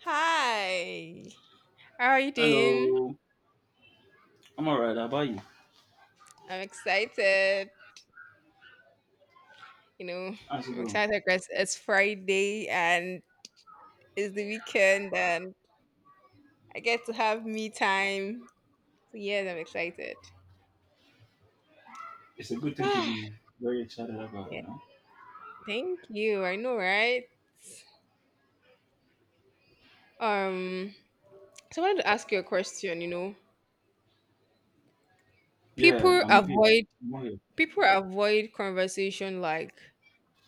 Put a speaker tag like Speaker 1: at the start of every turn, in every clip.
Speaker 1: Hi. How are you doing?
Speaker 2: Hello. I'm all right. How about you?
Speaker 1: I'm excited. You know,
Speaker 2: How's it
Speaker 1: I'm
Speaker 2: going?
Speaker 1: excited because it's Friday and it's the weekend and I get to have me time. So yes, I'm excited.
Speaker 2: It's a good thing to
Speaker 1: Yeah,
Speaker 2: be very excited about, you know?
Speaker 1: thank you. I know, right? Um, so I wanted to ask you a question.
Speaker 2: Yeah,
Speaker 1: People
Speaker 2: I'm with you.
Speaker 1: avoid
Speaker 2: I'm all right.
Speaker 1: People avoid conversation, like,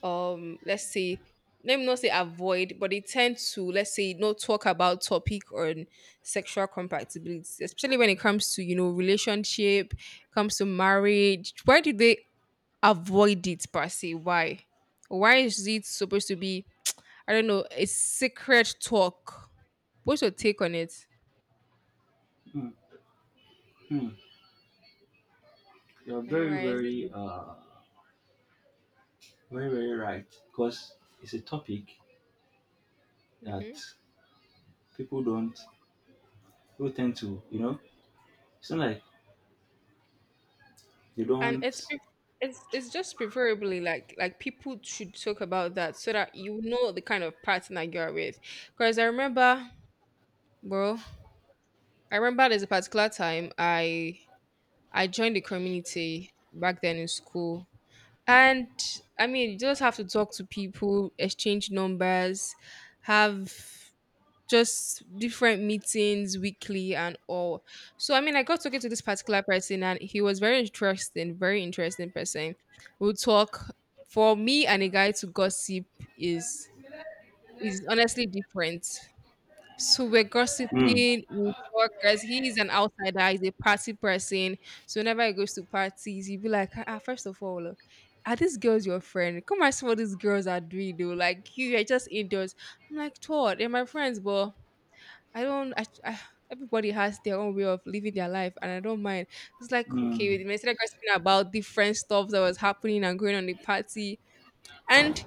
Speaker 1: let's say, let me not say avoid, but they tend to, let's say, not talk about topic on sexual compatibility, especially when it comes to, relationship, comes to marriage. Why do they avoid it per se? Why why is it supposed to be, I don't know, a secret talk? What's your take on it?
Speaker 2: Hmm. Hmm. You're
Speaker 1: I know,
Speaker 2: very,
Speaker 1: right? Is
Speaker 2: very,
Speaker 1: it?
Speaker 2: very, very right. Because it's a topic that
Speaker 1: Mhm.
Speaker 2: people don't, people tend to, it's not like they
Speaker 1: and it's
Speaker 2: don't,
Speaker 1: pre- it's just preferably, like, people should talk about that so that you know the kind of partner you are with. Because I remember, bro, I remember there's a particular time I joined the community back then in school, and I mean, you just have to talk to people, exchange numbers, have just different meetings weekly and all. So I mean, I got talking to this particular person, and he was very interesting person. We'll talk. For me and a guy to gossip is honestly different. So we're
Speaker 2: Hmm.
Speaker 1: gossiping, we'll talk, because he is an outsider, he's a party person. So whenever he goes to parties, he'll be like, ah, ah, first of all, oh, are these girls your friend? Come and see what these girls are doing, though. Like, you are just indoors. I'm like, Todd, they're my friends, but I don't. Everybody has their own way of living their life, and I don't mind. It's like, okay,
Speaker 2: Mm.
Speaker 1: they started gossiping about different stuff that was happening and going on the party, and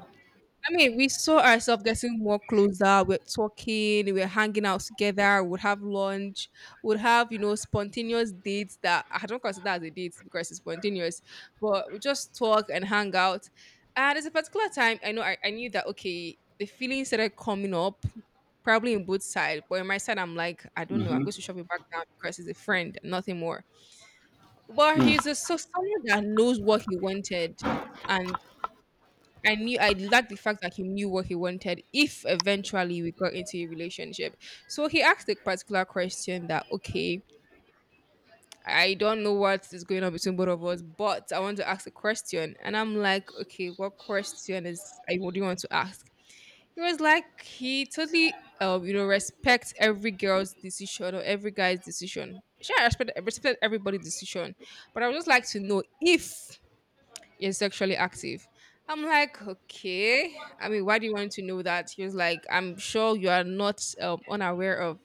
Speaker 1: I mean, we saw ourselves getting more closer. We're talking, we're hanging out together, we would have lunch, we would have, you know, spontaneous dates that I don't consider as a date because it's spontaneous, but we just talk and hang out. And there's a particular time I know I knew that, okay, the feeling started coming up, probably in both sides. But in my side, I'm like, I don't know, I'm
Speaker 2: Mm-hmm.
Speaker 1: going to shove it back down because he's a friend, nothing more. But
Speaker 2: Hmm.
Speaker 1: he's a, so someone that knows what he wanted, and I knew I liked the fact that he knew what he wanted if eventually we got into a relationship. So he asked a particular question that, okay, I don't know what is going on between both of us, but I want to ask a question. And I'm like, okay, what question is I what do you want to ask? He was like, he totally you know, respects every girl's decision or every guy's decision. Sure, I respect everybody's decision. But I would just like to know if you're sexually active. I'm like, okay. I mean, why do you want to know that? He was like, I'm sure you are not, unaware of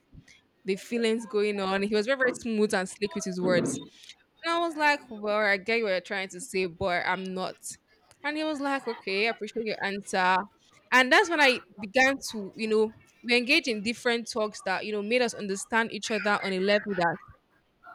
Speaker 1: the feelings going on. He was very, very smooth and slick with his words. And I was like, well, I get what you're trying to say, but I'm not. And he was like, okay, I appreciate your answer. And that's when I began to, you know, we engage in different talks that, you know, made us understand each other on a level that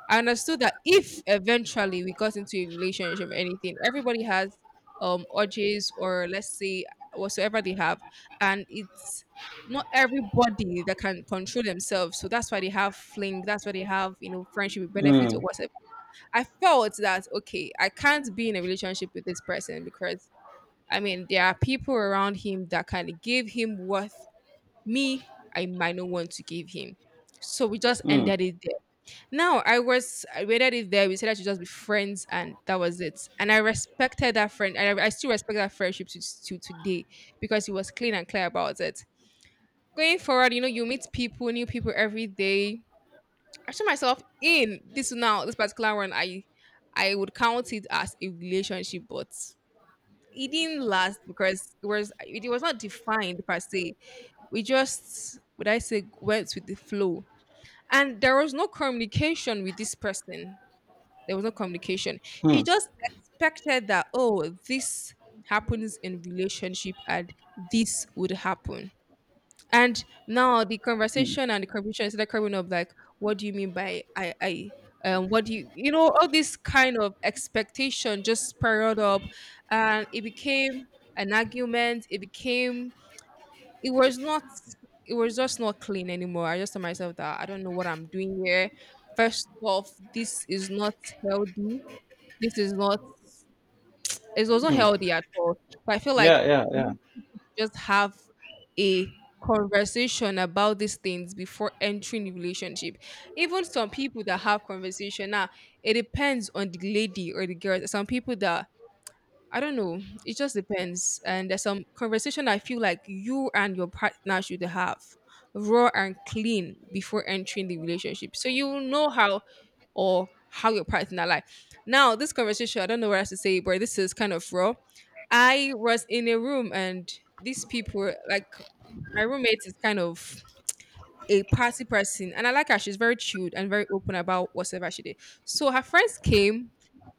Speaker 1: I understood that if eventually we got into a relationship or anything, everybody has urges, or let's say whatsoever they have, and it's not everybody that can control themselves. So that's why they have fling, that's why they have, you know, friendship with benefits
Speaker 2: Hmm.
Speaker 1: or whatever. I felt that, okay, I can't be in a relationship with this person because I mean, there are people around him that kind of give him what me, I might not want to give him. So we just
Speaker 2: Hmm.
Speaker 1: ended it. Now I was, I waited it there. We said I should just be friends, and that was it. And I respected that friend, and I still respect that friendship to today, because he was clean and clear about it. Going forward, you know, you meet people, new people every day. I saw myself in this now, this particular one. I would count it as a relationship, but it didn't last because it was not defined per se. We just would, I say, went with the flow, and there was no communication with this person there was no communication. He just expected that, oh, this happens in relationship and this would happen. And now the
Speaker 2: Mm.
Speaker 1: conversation and the confusion is, like, coming up, like, what do you mean by I what do you, you know, all this kind of expectation just spiraled up, and it became an argument, it became, it was not it was just not clean anymore. I just told myself that I don't know what I'm doing here. First off, this is not healthy. This is not It was not
Speaker 2: Mm.
Speaker 1: healthy at all. But I feel like
Speaker 2: Yeah, yeah,
Speaker 1: we
Speaker 2: yeah.
Speaker 1: people should just have a conversation about these things before entering the relationship. Even some people that have conversation now, it depends on the lady or the girl. Some people that, I don't know. It just depends. And there's some conversation I feel like you and your partner should have raw and clean before entering the relationship, so you will know how or how your partner like. Now, this conversation, I don't know what else to say, but this is kind of raw. I was in a room, and these people, like, my roommate is kind of a party person, and I like her. She's very chilled and very open about whatever she did. So her friends came,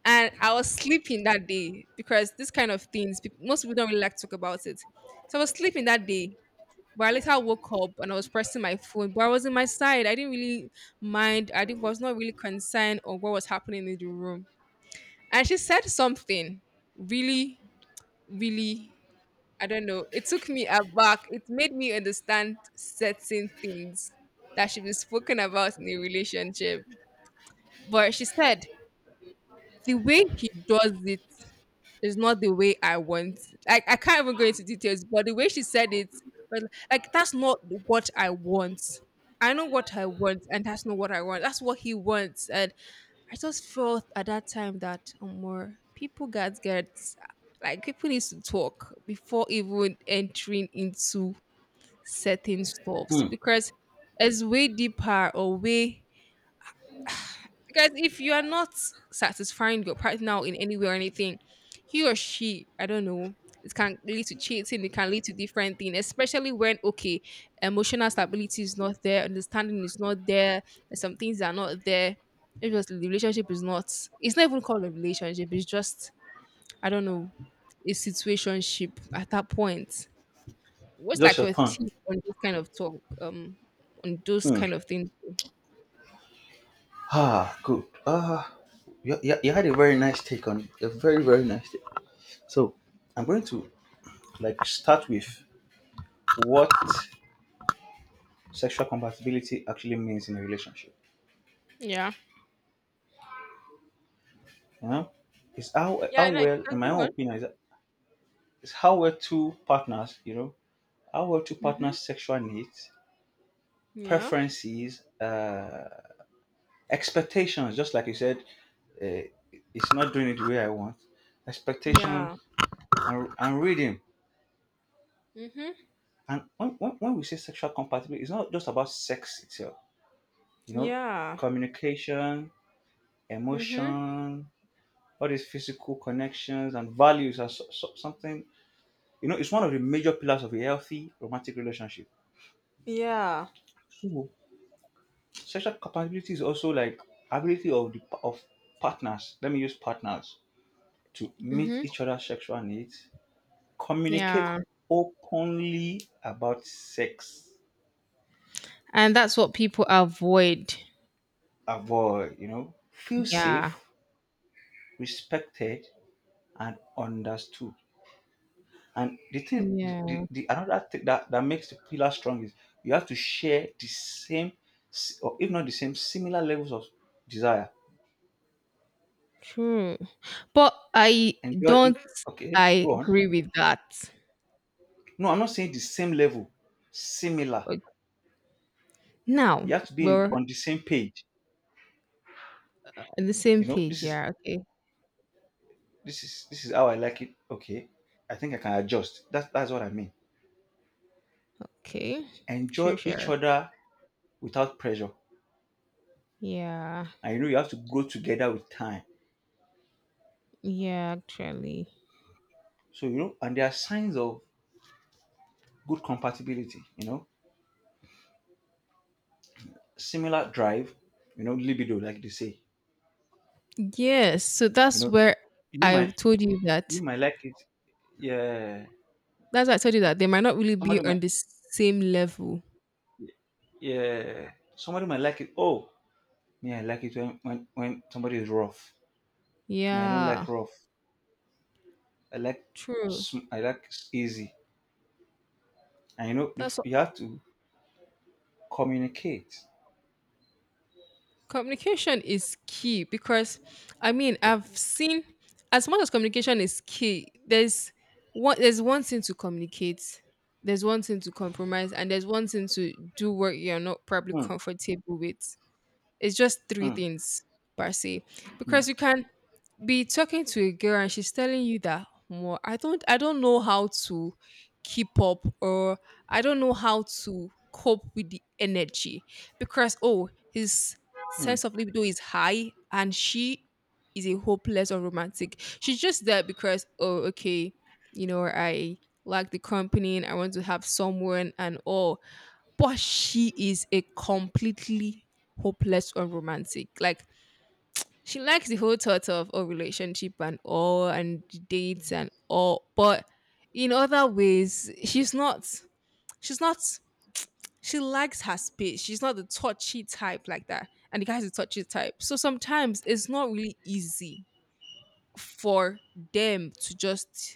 Speaker 1: and I was sleeping that day because this kind of things, most people don't really like to talk about it. So I was sleeping that day, but I later woke up and I was pressing my phone, but I was in my side. I didn't really mind. I didn't Was not really concerned on what was happening in the room, and she said something really, really, I don't know. It took me aback. It made me understand certain things that should be spoken about in a relationship. But she said the way he does it is not the way I want. Like, I can't even go into details, but the way she said it was, like, that's not what I want. I know what I want, and that's not what I want. That's what he wants, and I just felt at that time that, more people got get, like, people need to talk before even entering into certain stuffs,
Speaker 2: Hmm.
Speaker 1: because it's way deeper or way, because if you are not satisfying your partner in any way or anything, he or she, I don't know, it can lead to cheating, it can lead to different things, especially when, okay, emotional stability is not there, understanding is not there, and some things are not there. It's just the relationship is not, it's not even called a relationship, it's just, I don't know, a situationship at that point. What's
Speaker 2: Just
Speaker 1: like
Speaker 2: your
Speaker 1: your
Speaker 2: turn.
Speaker 1: tip on this kind of talk? On those kind of things.
Speaker 2: Ah, good. Ah, you had a very nice take on it. A very, very nice take. So, I'm going to like start with what sexual compatibility actually means in a relationship.
Speaker 1: Yeah.
Speaker 2: You know, it's how
Speaker 1: Yeah,
Speaker 2: how
Speaker 1: and I
Speaker 2: well, in
Speaker 1: can
Speaker 2: my
Speaker 1: go
Speaker 2: own
Speaker 1: on.
Speaker 2: opinion, is how well two partners, you know, how well two
Speaker 1: Mm-hmm.
Speaker 2: partners' sexual needs,
Speaker 1: Yeah.
Speaker 2: preferences, expectations. Just like you said, uh, it's not doing it the way I want. Expectation
Speaker 1: Yeah.
Speaker 2: and reading.
Speaker 1: Mm-hmm.
Speaker 2: And when, when we say sexual compatibility, it's not just about sex itself, you know,
Speaker 1: Yeah.
Speaker 2: communication,
Speaker 1: Mm-hmm.
Speaker 2: emotion, all these physical connections and values are something, you know, it's one of the major pillars of a healthy romantic relationship.
Speaker 1: Yeah.
Speaker 2: So, sexual compatibility is also like ability of the of partners, let me use partners, to meet
Speaker 1: Mm-hmm.
Speaker 2: each other's sexual needs, communicate
Speaker 1: Yeah.
Speaker 2: openly about sex,
Speaker 1: And that's what people avoid.
Speaker 2: avoid, you know, feel
Speaker 1: Yeah.
Speaker 2: safe, respected, and understood. And the thing, the, the,
Speaker 1: Yeah.
Speaker 2: the another thing that, that makes the pillar strong is you have to share the same, s- or if not the same, similar levels of desire.
Speaker 1: True. But I
Speaker 2: Enjoy it.
Speaker 1: don't.
Speaker 2: Okay,
Speaker 1: I
Speaker 2: go on.
Speaker 1: agree with that.
Speaker 2: No, I'm not saying the same level, similar.
Speaker 1: Uh, Now
Speaker 2: You have to be
Speaker 1: we're
Speaker 2: on the same page.
Speaker 1: on the same
Speaker 2: You know,
Speaker 1: page, yeah. Okay.
Speaker 2: this is how I like it. Okay, I think I can adjust. That's what I mean.
Speaker 1: Okay.
Speaker 2: Enjoy
Speaker 1: Sure,
Speaker 2: each
Speaker 1: sure.
Speaker 2: other without pressure,
Speaker 1: Yeah.
Speaker 2: and you know you have to grow together with time.
Speaker 1: Yeah, actually.
Speaker 2: So you know, and there are signs of good compatibility, you know, similar drive, you know, libido, like they say.
Speaker 1: Yes, so
Speaker 2: You
Speaker 1: that's
Speaker 2: know,
Speaker 1: where
Speaker 2: you
Speaker 1: I
Speaker 2: might
Speaker 1: told you
Speaker 2: you
Speaker 1: that.
Speaker 2: might like it. Yeah.
Speaker 1: That's why I told you that they might not really
Speaker 2: Somebody
Speaker 1: be
Speaker 2: might
Speaker 1: on the same level.
Speaker 2: yeah. Somebody might like it. Oh, yeah, I like it when when somebody is rough. Me, I don't
Speaker 1: Yeah,
Speaker 2: like rough. I like
Speaker 1: true.
Speaker 2: I like easy. And you know,
Speaker 1: That's what,
Speaker 2: you have to communicate.
Speaker 1: communication is key, because I mean,
Speaker 2: Yeah.
Speaker 1: I've seen, as much as communication is key, there's one, there's one thing to communicate, there's one thing to compromise, and there's one thing to do what you're not probably
Speaker 2: Mm,
Speaker 1: comfortable with. It's just three
Speaker 2: mm,
Speaker 1: things per se,
Speaker 2: mm,
Speaker 1: because you can be talking to a girl and she's telling you that more, I don't know how to keep up, or I don't know how to cope with the energy, because, oh, his
Speaker 2: mm,
Speaker 1: sense of libido is high, and she is a hopeless or romantic. She's just there because, oh, okay, you know, I like the company and I want to have someone and all, but she is a completely hopeless or romantic, like, she likes the whole thought of, oh, relationship and all and dates and all, but in other ways, she's not, she likes her space. She's not the touchy type like that. And the guy's the touchy type. So sometimes it's not really easy for them to just,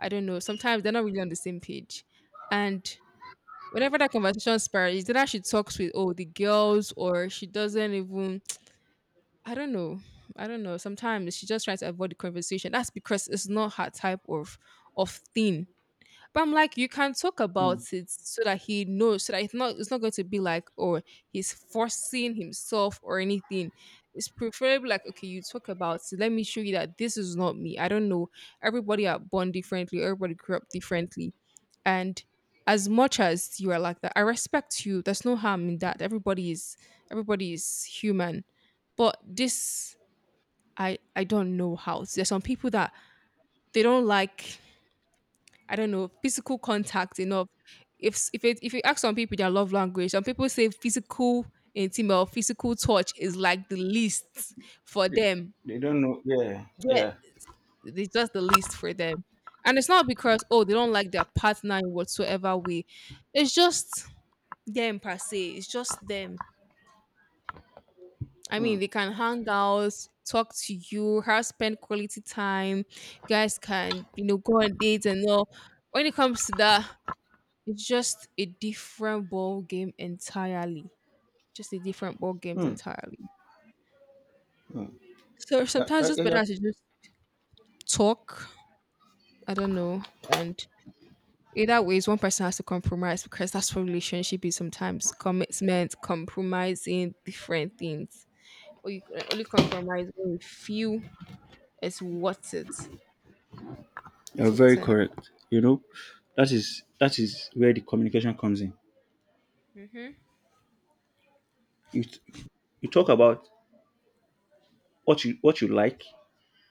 Speaker 1: I don't know, sometimes they're not really on the same page. And whenever that conversation spirals, either she talks with the girls or she doesn't even I don't know. I don't know. Sometimes she just tries to avoid the conversation. That's because it's not her type of thing. But I'm like, you can talk about
Speaker 2: mm.
Speaker 1: it so that he knows, so that it's not going to be like, he's forcing himself or anything. It's preferably like, okay, you talk about it. Let me show you that this is not me. I don't know. Everybody are born differently. Everybody grew up differently, and as much as you are like that, I respect you. There's no harm in that. Everybody is human, but this. I don't know how. There's some people that they don't like I don't know, physical contact enough. If you ask some people their love language, some people say physical intimate or physical touch is like the least for
Speaker 2: They,
Speaker 1: them.
Speaker 2: they don't know. Yeah,
Speaker 1: Yeah,
Speaker 2: yeah.
Speaker 1: it's just the least for them. And it's not because they don't like their partner in whatsoever way. It's just them per se. It's just them. I
Speaker 2: Mm,
Speaker 1: mean, they can hang out, talk to you, have spend quality time. You guys can, go on dates and all. When it comes to that, it's just a different ball game entirely. Just a different ball games
Speaker 2: mm,
Speaker 1: entirely.
Speaker 2: mm.
Speaker 1: So
Speaker 2: Yeah, yeah,
Speaker 1: sometimes it's
Speaker 2: yeah.
Speaker 1: better to just talk. I don't know. And either ways, one person has to compromise because that's what relationship is sometimes. Commitment, compromising different things. But you can only compromise when you feel it's worth it.
Speaker 2: You're very
Speaker 1: Something like
Speaker 2: correct. You know, that is where the communication comes in.
Speaker 1: hmm
Speaker 2: You you talk about what you like,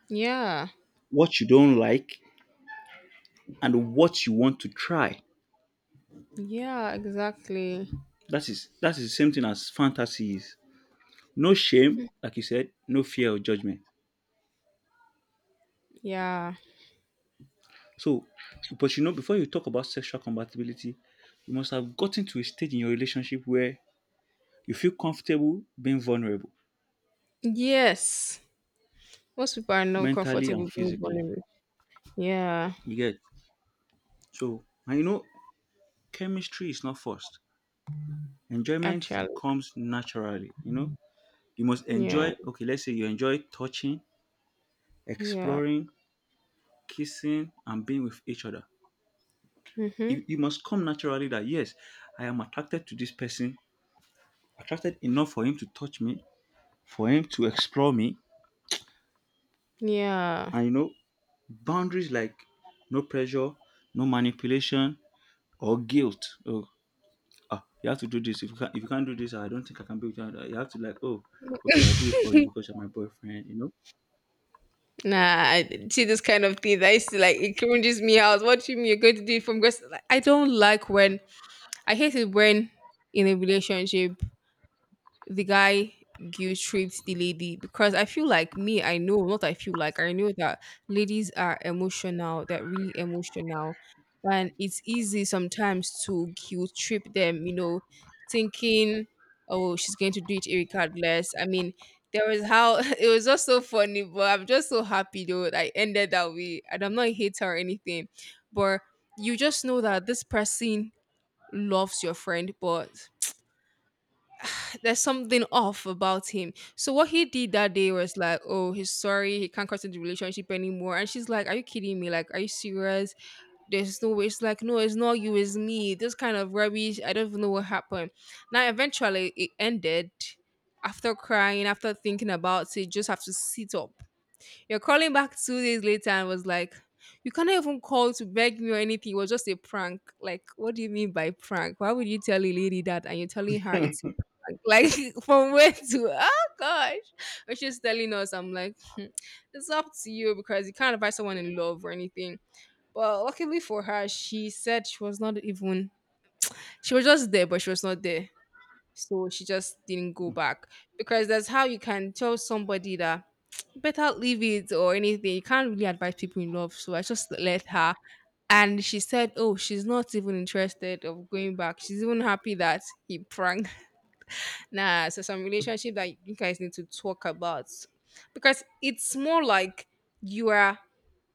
Speaker 1: Yeah.
Speaker 2: what you don't like, and what you want to try.
Speaker 1: Yeah, exactly.
Speaker 2: That is the same thing as fantasy is. No shame, like you said, no fear of judgment.
Speaker 1: Yeah.
Speaker 2: So, but you know, before you talk about sexual compatibility, you must have gotten to a stage in your relationship where you feel comfortable being vulnerable,
Speaker 1: Yes. Most people are not
Speaker 2: mentally and
Speaker 1: comfortable being
Speaker 2: physically.
Speaker 1: vulnerable. Yeah.
Speaker 2: You get so, and you know, chemistry is not forced. Enjoyment
Speaker 1: Actually,
Speaker 2: comes naturally, you know. You must
Speaker 1: yeah,
Speaker 2: enjoy, okay, let's say you enjoy touching,
Speaker 1: yeah,
Speaker 2: exploring, kissing, and being with each other.
Speaker 1: mm-hmm.
Speaker 2: You must come naturally that, yes, I am attracted to this person, attracted enough for him to touch me, for him to explore me.
Speaker 1: Yeah.
Speaker 2: And, you know, boundaries like no pressure, no manipulation, or guilt. Oh, ah, you have to do this. If you can't do this, I don't think I can be with you. You have to, like, oh, okay, I'll do it for you because you're my boyfriend, you know.
Speaker 1: Nah, I see this kind of thing that is like it cringes me out. What do you mean you're going to do it from grace? Like, I don't like when I hate it when in a relationship the guy guilt tripped the lady because I feel like me, I know, not I feel like I know that ladies are emotional, they're really emotional. And it's easy sometimes to guilt trip them, thinking, oh, she's going to do it regardless. I mean, there was how it was just so funny, but I'm just so happy though that I ended that way. And I'm not a hater or anything, but you just know that this person loves your friend, but there's something off about him. So what he did that day was like, oh, he's sorry, he can't continue the relationship anymore. And she's like, are you kidding me? Like, are you serious? There's no way. It's like, no, it's not you, it's me. This kind of rubbish. I don't even know what happened. Now, eventually, it ended. After crying, after thinking about it, you just have to sit up you're calling back 2 days later and was like, you cannot even call to beg me or anything. It was just a prank. Like, what do you mean by prank? Why would you tell a lady that and you're telling her it's a prank? Like, from where to, oh gosh. But she's telling us, I'm like, "Hmm, it's up to you because you can't advise someone in love or anything. But luckily for her, she said she was not even, she was just there, but she was not there. So she just didn't go back because that's how you can tell somebody that better leave it or anything. You can't really advise people in love. So I just let her. And she said, oh, she's not even interested of going back. She's even happy that he pranked. Nah, so some relationship that you guys need to talk about. Because it's more like you are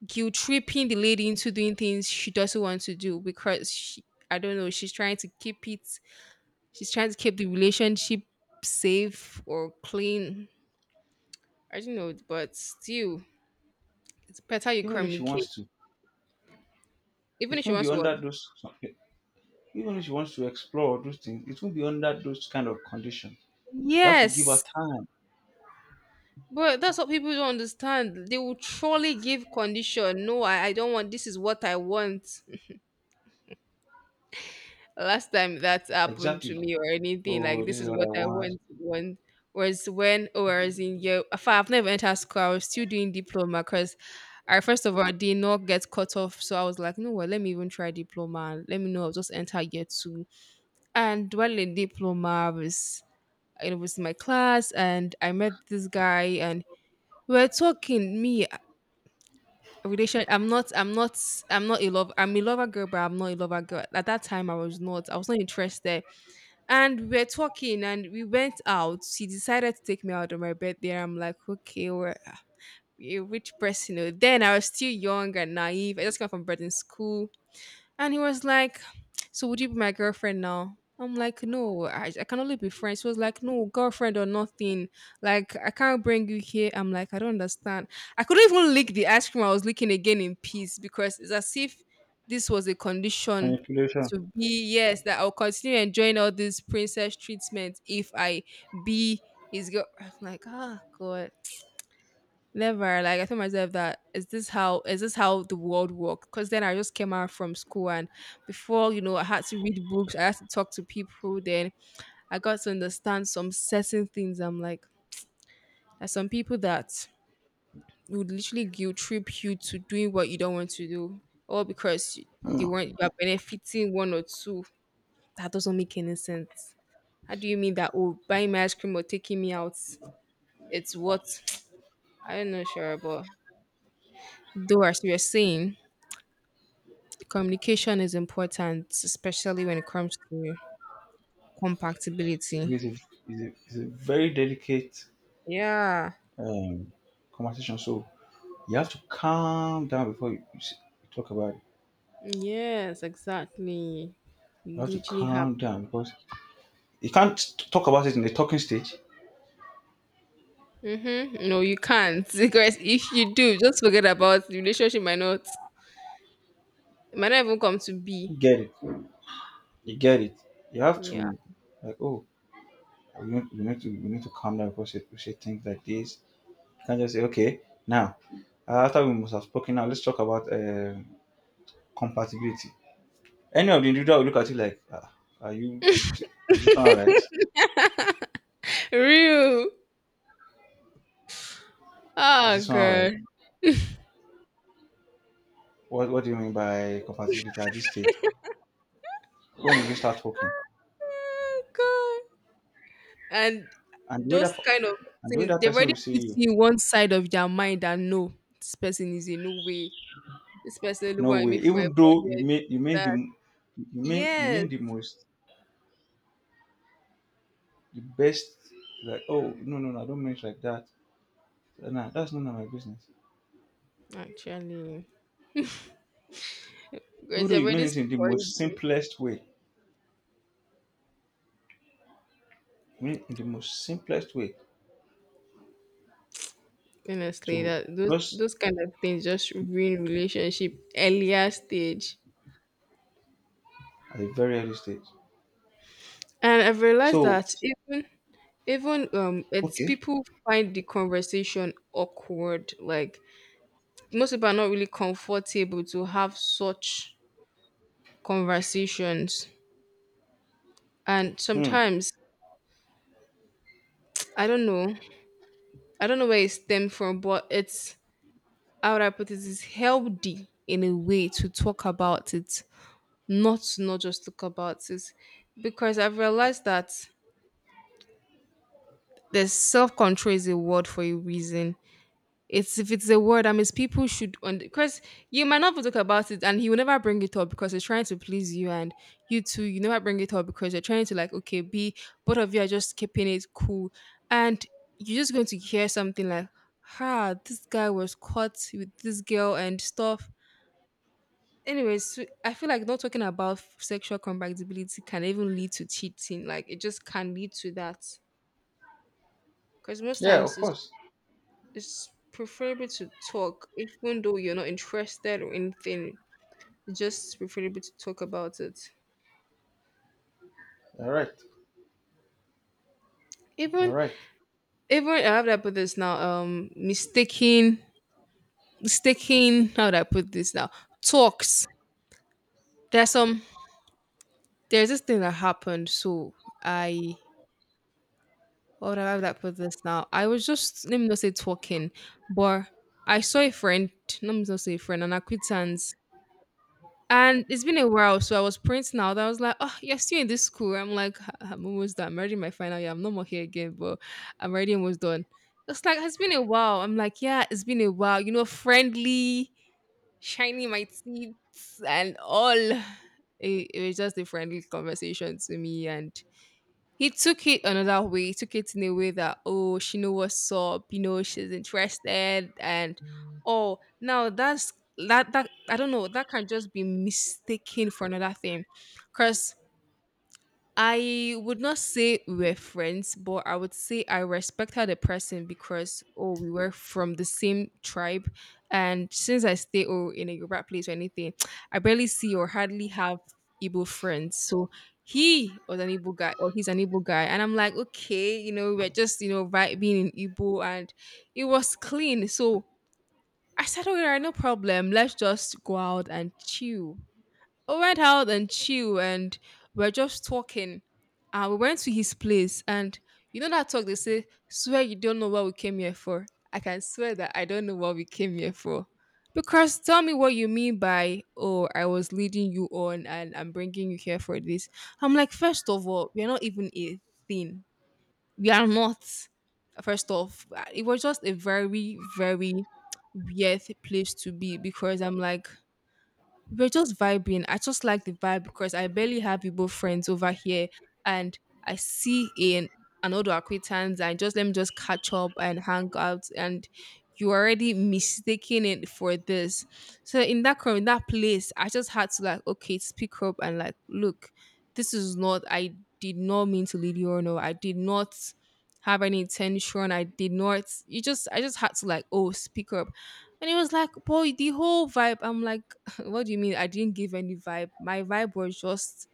Speaker 1: guilt tripping the lady into doing things she doesn't want to do because she I don't know, she's trying to keep it she's trying to keep the relationship safe or clean. I don't know, but still it's better you
Speaker 2: Even if she
Speaker 1: communicate.
Speaker 2: wants to,
Speaker 1: Even
Speaker 2: it
Speaker 1: if she
Speaker 2: won't be
Speaker 1: wants what?
Speaker 2: under those. Even if she wants to explore those things, it won't be under those kind of conditions. You have to give her
Speaker 1: Yes.
Speaker 2: time.
Speaker 1: But that's what people don't understand. They will truly give condition. No, I don't want this is what I want. Last time that happened to
Speaker 2: Exactly.
Speaker 1: me or anything, like
Speaker 2: Oh, this
Speaker 1: this
Speaker 2: is
Speaker 1: is
Speaker 2: what
Speaker 1: what
Speaker 2: I
Speaker 1: I
Speaker 2: want.
Speaker 1: want was when I was in year in fact, I've never entered school. I was still doing diploma because I first of all did not get cut off. So I was like, no, well, let me even try diploma. And let me know. I'll just enter year two. And while in diploma, I was it was in my class and I met this guy and we're talking me relation. I'm not. I'm not. I'm not a lover. I'm a lover girl, but I'm not a lover girl. At that time, I was not. I was not interested. And we're talking, and we went out. She decided to take me out on my birthday. I'm like, okay, we're a rich person. Oh." Then I was still young and naive. I just came from boarding school. And he was like, so would you be my girlfriend now? I'm like, no, I can only be friends. He was like, no, girlfriend or nothing. Like, I can't bring you here. I'm like, I don't understand. I couldn't even lick the ice cream I was licking again in peace because it's as if this was a condition
Speaker 2: Manipulation.
Speaker 1: to be, yes, that I'll continue enjoying all this princess treatment if I be his girl. I'm like, ah, God. Never. Like I told myself that is this how the world works? Because then I just came out from school and before you know I had to read books, I had to talk to people. Then I got to understand some certain things. I'm like there's some people that would literally guilt trip you to doing what you don't want to do, or because
Speaker 2: Mm.
Speaker 1: they weren't you are benefiting one or two. That doesn't make any sense. How do you mean that? Oh, buying me ice cream or taking me out, it's what I don't know, sure, but though as you were saying. Communication is important, especially when it comes to compatibility.
Speaker 2: it's, a, it's a very delicate
Speaker 1: Yeah.
Speaker 2: um, conversation, so you have to calm down before you talk about it.
Speaker 1: Yes, exactly.
Speaker 2: You
Speaker 1: You
Speaker 2: have to
Speaker 1: literally have
Speaker 2: calm down because you can't talk about it in the talking stage.
Speaker 1: mm-hmm. No, you can't. Because if you do, just forget about the relationship might not it might not even come to be.
Speaker 2: You get it. You get it. You have
Speaker 1: Yeah.
Speaker 2: to like, oh, we need to calm down because we say things like this. Can just say, okay, now, after we must have spoken, now let's talk about compatibility. Any of the individual will look at you like, ah, are you, is this is this one all right?
Speaker 1: Real.
Speaker 2: Is
Speaker 1: Oh
Speaker 2: this one all right?
Speaker 1: God.
Speaker 2: What do you mean by compatibility at this stage? When did you start talking?
Speaker 1: Oh God. And
Speaker 2: And the way
Speaker 1: those kind of
Speaker 2: and the way
Speaker 1: things,
Speaker 2: that
Speaker 1: they've
Speaker 2: person
Speaker 1: already
Speaker 2: will see
Speaker 1: put
Speaker 2: you,
Speaker 1: you one side of their mind that no, this person is a no way. Especially
Speaker 2: no
Speaker 1: what I
Speaker 2: way.
Speaker 1: made for
Speaker 2: Even
Speaker 1: my
Speaker 2: though you
Speaker 1: body.
Speaker 2: mean,
Speaker 1: That
Speaker 2: you mean, you
Speaker 1: yes,
Speaker 2: mean the most, the best, like, oh, no, no, no, I don't mean it like that. Nah, that's none of my business.
Speaker 1: actually,
Speaker 2: Even
Speaker 1: because
Speaker 2: though
Speaker 1: you've
Speaker 2: you mean
Speaker 1: already
Speaker 2: it in the
Speaker 1: spoiled
Speaker 2: most
Speaker 1: it.
Speaker 2: simplest way, I mean it in the most simplest way.
Speaker 1: Honestly,
Speaker 2: To
Speaker 1: that those
Speaker 2: just
Speaker 1: those kind of things just ruin relationship earlier stage.
Speaker 2: at a very early stage.
Speaker 1: And I've realized
Speaker 2: So
Speaker 1: that even even it's
Speaker 2: okay,
Speaker 1: people find the conversation awkward. Like most people are not really comfortable to have such conversations. And
Speaker 2: hmm,
Speaker 1: sometimes I don't know. I don't know where it stems from, but it's how would I put it's healthy in a way to talk about it, not to not just talk about it. Because I've realized that there's self control is a word for a reason. It's if it's a word that means people should because you might not talk about it and he will never bring it up because he's trying to please you and you too, you never bring it up because you're trying to like, okay, be both of you are just keeping it cool. And you're just going to hear something like, ha, this guy was caught with this girl and stuff. Anyways, so I feel like not talking about sexual compatibility can even lead to cheating. Like it just can lead to that. Because most
Speaker 2: yeah, of
Speaker 1: times it's,
Speaker 2: course,
Speaker 1: it's preferable to talk, even though you're not interested or anything. It's just preferable to talk about it.
Speaker 2: you're right, you're
Speaker 1: Even
Speaker 2: right,
Speaker 1: even I have that put this now. Mistaking. How do I put this now? Talks. There's some. There's this thing that happened. So I. What have I put this now? I was just let me not say talking, but I saw a friend, let me not say a friend, an acquaintance. And it's been a while, so I was printing out. I was like, "Oh, you're still in this school." I'm like, "I'm almost done. I'm already in my final year. I'm no more here again, but I'm already almost done." It's like it's been a while. I'm like, "Yeah, it's been a while." You know, friendly, shiny my teeth and all. It was just a friendly conversation to me, and he took it another way. He took it in a way that, she know what's up, she's interested and oh now that's that I don't know, that can just be mistaken for another thing. 'Cause I would not say we're friends, but I would say I respect her the person because oh, we were from the same tribe, and since I stay oh in a Yoruba place or anything, I barely see or hardly have Igbo friends. So he was an Igbo guy or he's an Igbo guy, and I'm like okay, you know we're just you know vibing in Igbo, and it was clean. So I said, alright, no problem. Let's just go out and chill. We went out and chill and we are just talking. And we went to his place and you know that talk they say, swear you don't know what we came here for. I can swear that I don't know what we came here for. Because tell me what you mean by, oh, I was leading you on and I'm bringing you here for this. I'm like, first of all, we're not even a thing. We are not. First off, it was just a very, very weird place to be because I'm like, we're just vibing. I just like the vibe because I barely have Igbo friends over here, and I see in another acquaintance and just let me just catch up and hang out. And you already mistaking it for this. So in that in that place, I just had to like okay, speak up and like look, this is not. I did not mean to lead you on, or no. I did not have any intention. I did not. You just I just had to like oh speak up. And it was like, boy, the whole vibe. I'm like, what do you mean? I didn't give any vibe. My vibe was just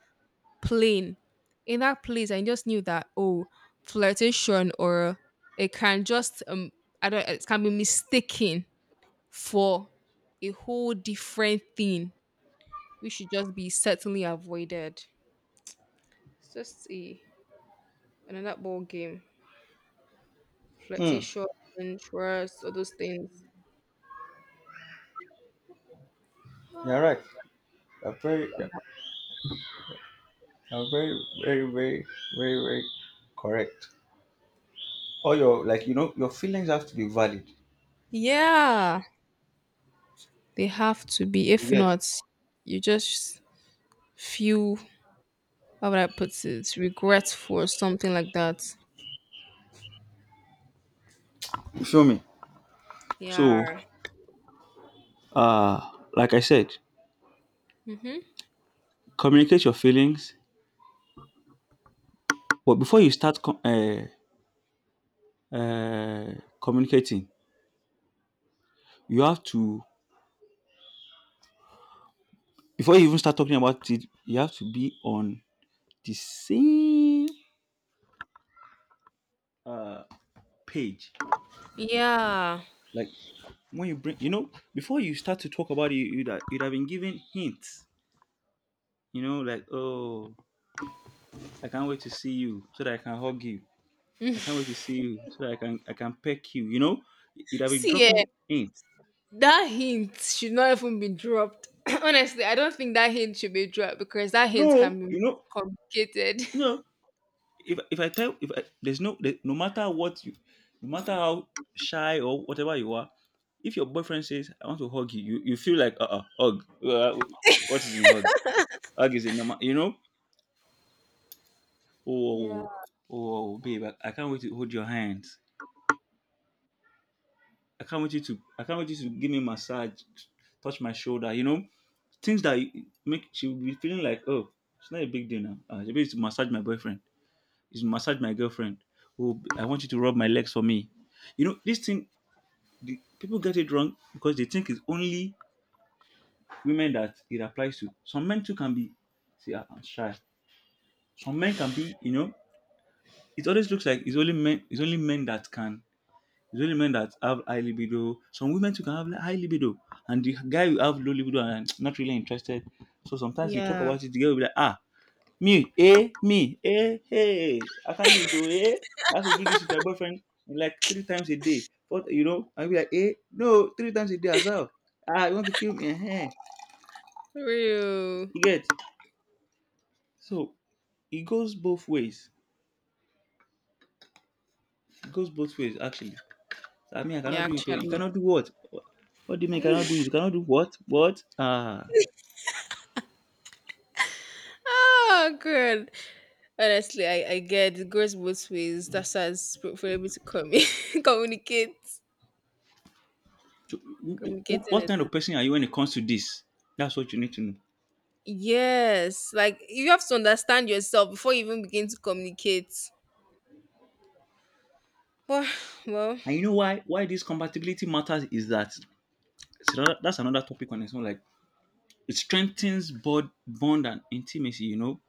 Speaker 1: plain. In that place, I just knew that oh, flirtation or it can just I don't. It can be mistaken for a whole different thing, which should just be certainly avoided. It's just a another ball game.
Speaker 2: hmm,
Speaker 1: Flirtation, trust, all those things.
Speaker 2: you're right. You're very, you're very, very, very, very, very correct. All your like you know your feelings have to be valid.
Speaker 1: Yeah, they have to be.
Speaker 2: You
Speaker 1: If
Speaker 2: get?
Speaker 1: not, you just feel how would I put it? Regretful for something like that.
Speaker 2: You feel me? So,
Speaker 1: Yeah.
Speaker 2: like I said,
Speaker 1: Mm-hmm.
Speaker 2: communicate your feelings, but before you start uh, communicating, you have to before you even start talking about it, you have to be on the same uh page.
Speaker 1: Yeah.
Speaker 2: Like when you bring you know, before you start to talk about it, you'd have been given hints. You know, like, oh, I can't wait to see you so that I can hug you. I can't wait
Speaker 1: Mm.
Speaker 2: to see you so that I can peck you. You know, you'd have been
Speaker 1: See, eh,
Speaker 2: dropping hints.
Speaker 1: that hint should not even be dropped. Honestly, I don't think that hint should be dropped because that hint
Speaker 2: No,
Speaker 1: can be
Speaker 2: you know,
Speaker 1: complicated.
Speaker 2: no. If I tell if I, there's no there, no matter what you, no matter how shy or whatever you are, if your boyfriend says I want to hug you, you feel like hug. What is in hug? Hug is a normal, you know. Oh, oh,
Speaker 1: Yeah.
Speaker 2: oh, babe, I can't wait to hold your hands. I can't wait you to give me massage, touch my shoulder. You know, things that you- make she will be feeling like, oh, it's not a big deal now. Maybe it's to massage my boyfriend. It's to massage my girlfriend. Oh, b- I want you to rub my legs for me. You know, this thing, the, people get it wrong because they think it's only women that it applies to. Some men too can be, see, I'm shy. Some men can be, you know, it always looks like it's only men that can. It's only men that have high libido. Some women too can have high libido, and the guy will have low libido and not really interested. So sometimes you talk
Speaker 1: Yeah.
Speaker 2: about it, the girl will be like, ah, me, eh, hey, I can't do it, oh, eh. I have to do this with my boyfriend like 3 times a day. But you know, I'll be like, eh, no, 3 times a day as well. Ah, you want to kill me? Eh, eh.
Speaker 1: Real.
Speaker 2: You get so it goes both ways. It goes both ways, actually. I mean, I cannot
Speaker 1: Yeah,
Speaker 2: do it. Oh, you
Speaker 1: actually.
Speaker 2: cannot do what? What do you mean? You cannot do it? You cannot do what? What? Ah.
Speaker 1: Oh, good. Honestly, I get it goes both ways. That's as for able to communicate.
Speaker 2: So,
Speaker 1: Communicating
Speaker 2: what
Speaker 1: it
Speaker 2: kind
Speaker 1: is
Speaker 2: of person are you when it comes to this? That's what you need to know.
Speaker 1: yes, like you have to understand yourself before you even begin to communicate. But well,
Speaker 2: And you know why this compatibility matters is that it's another- that's another topic on its own. Like it strengthens bond and intimacy. You know,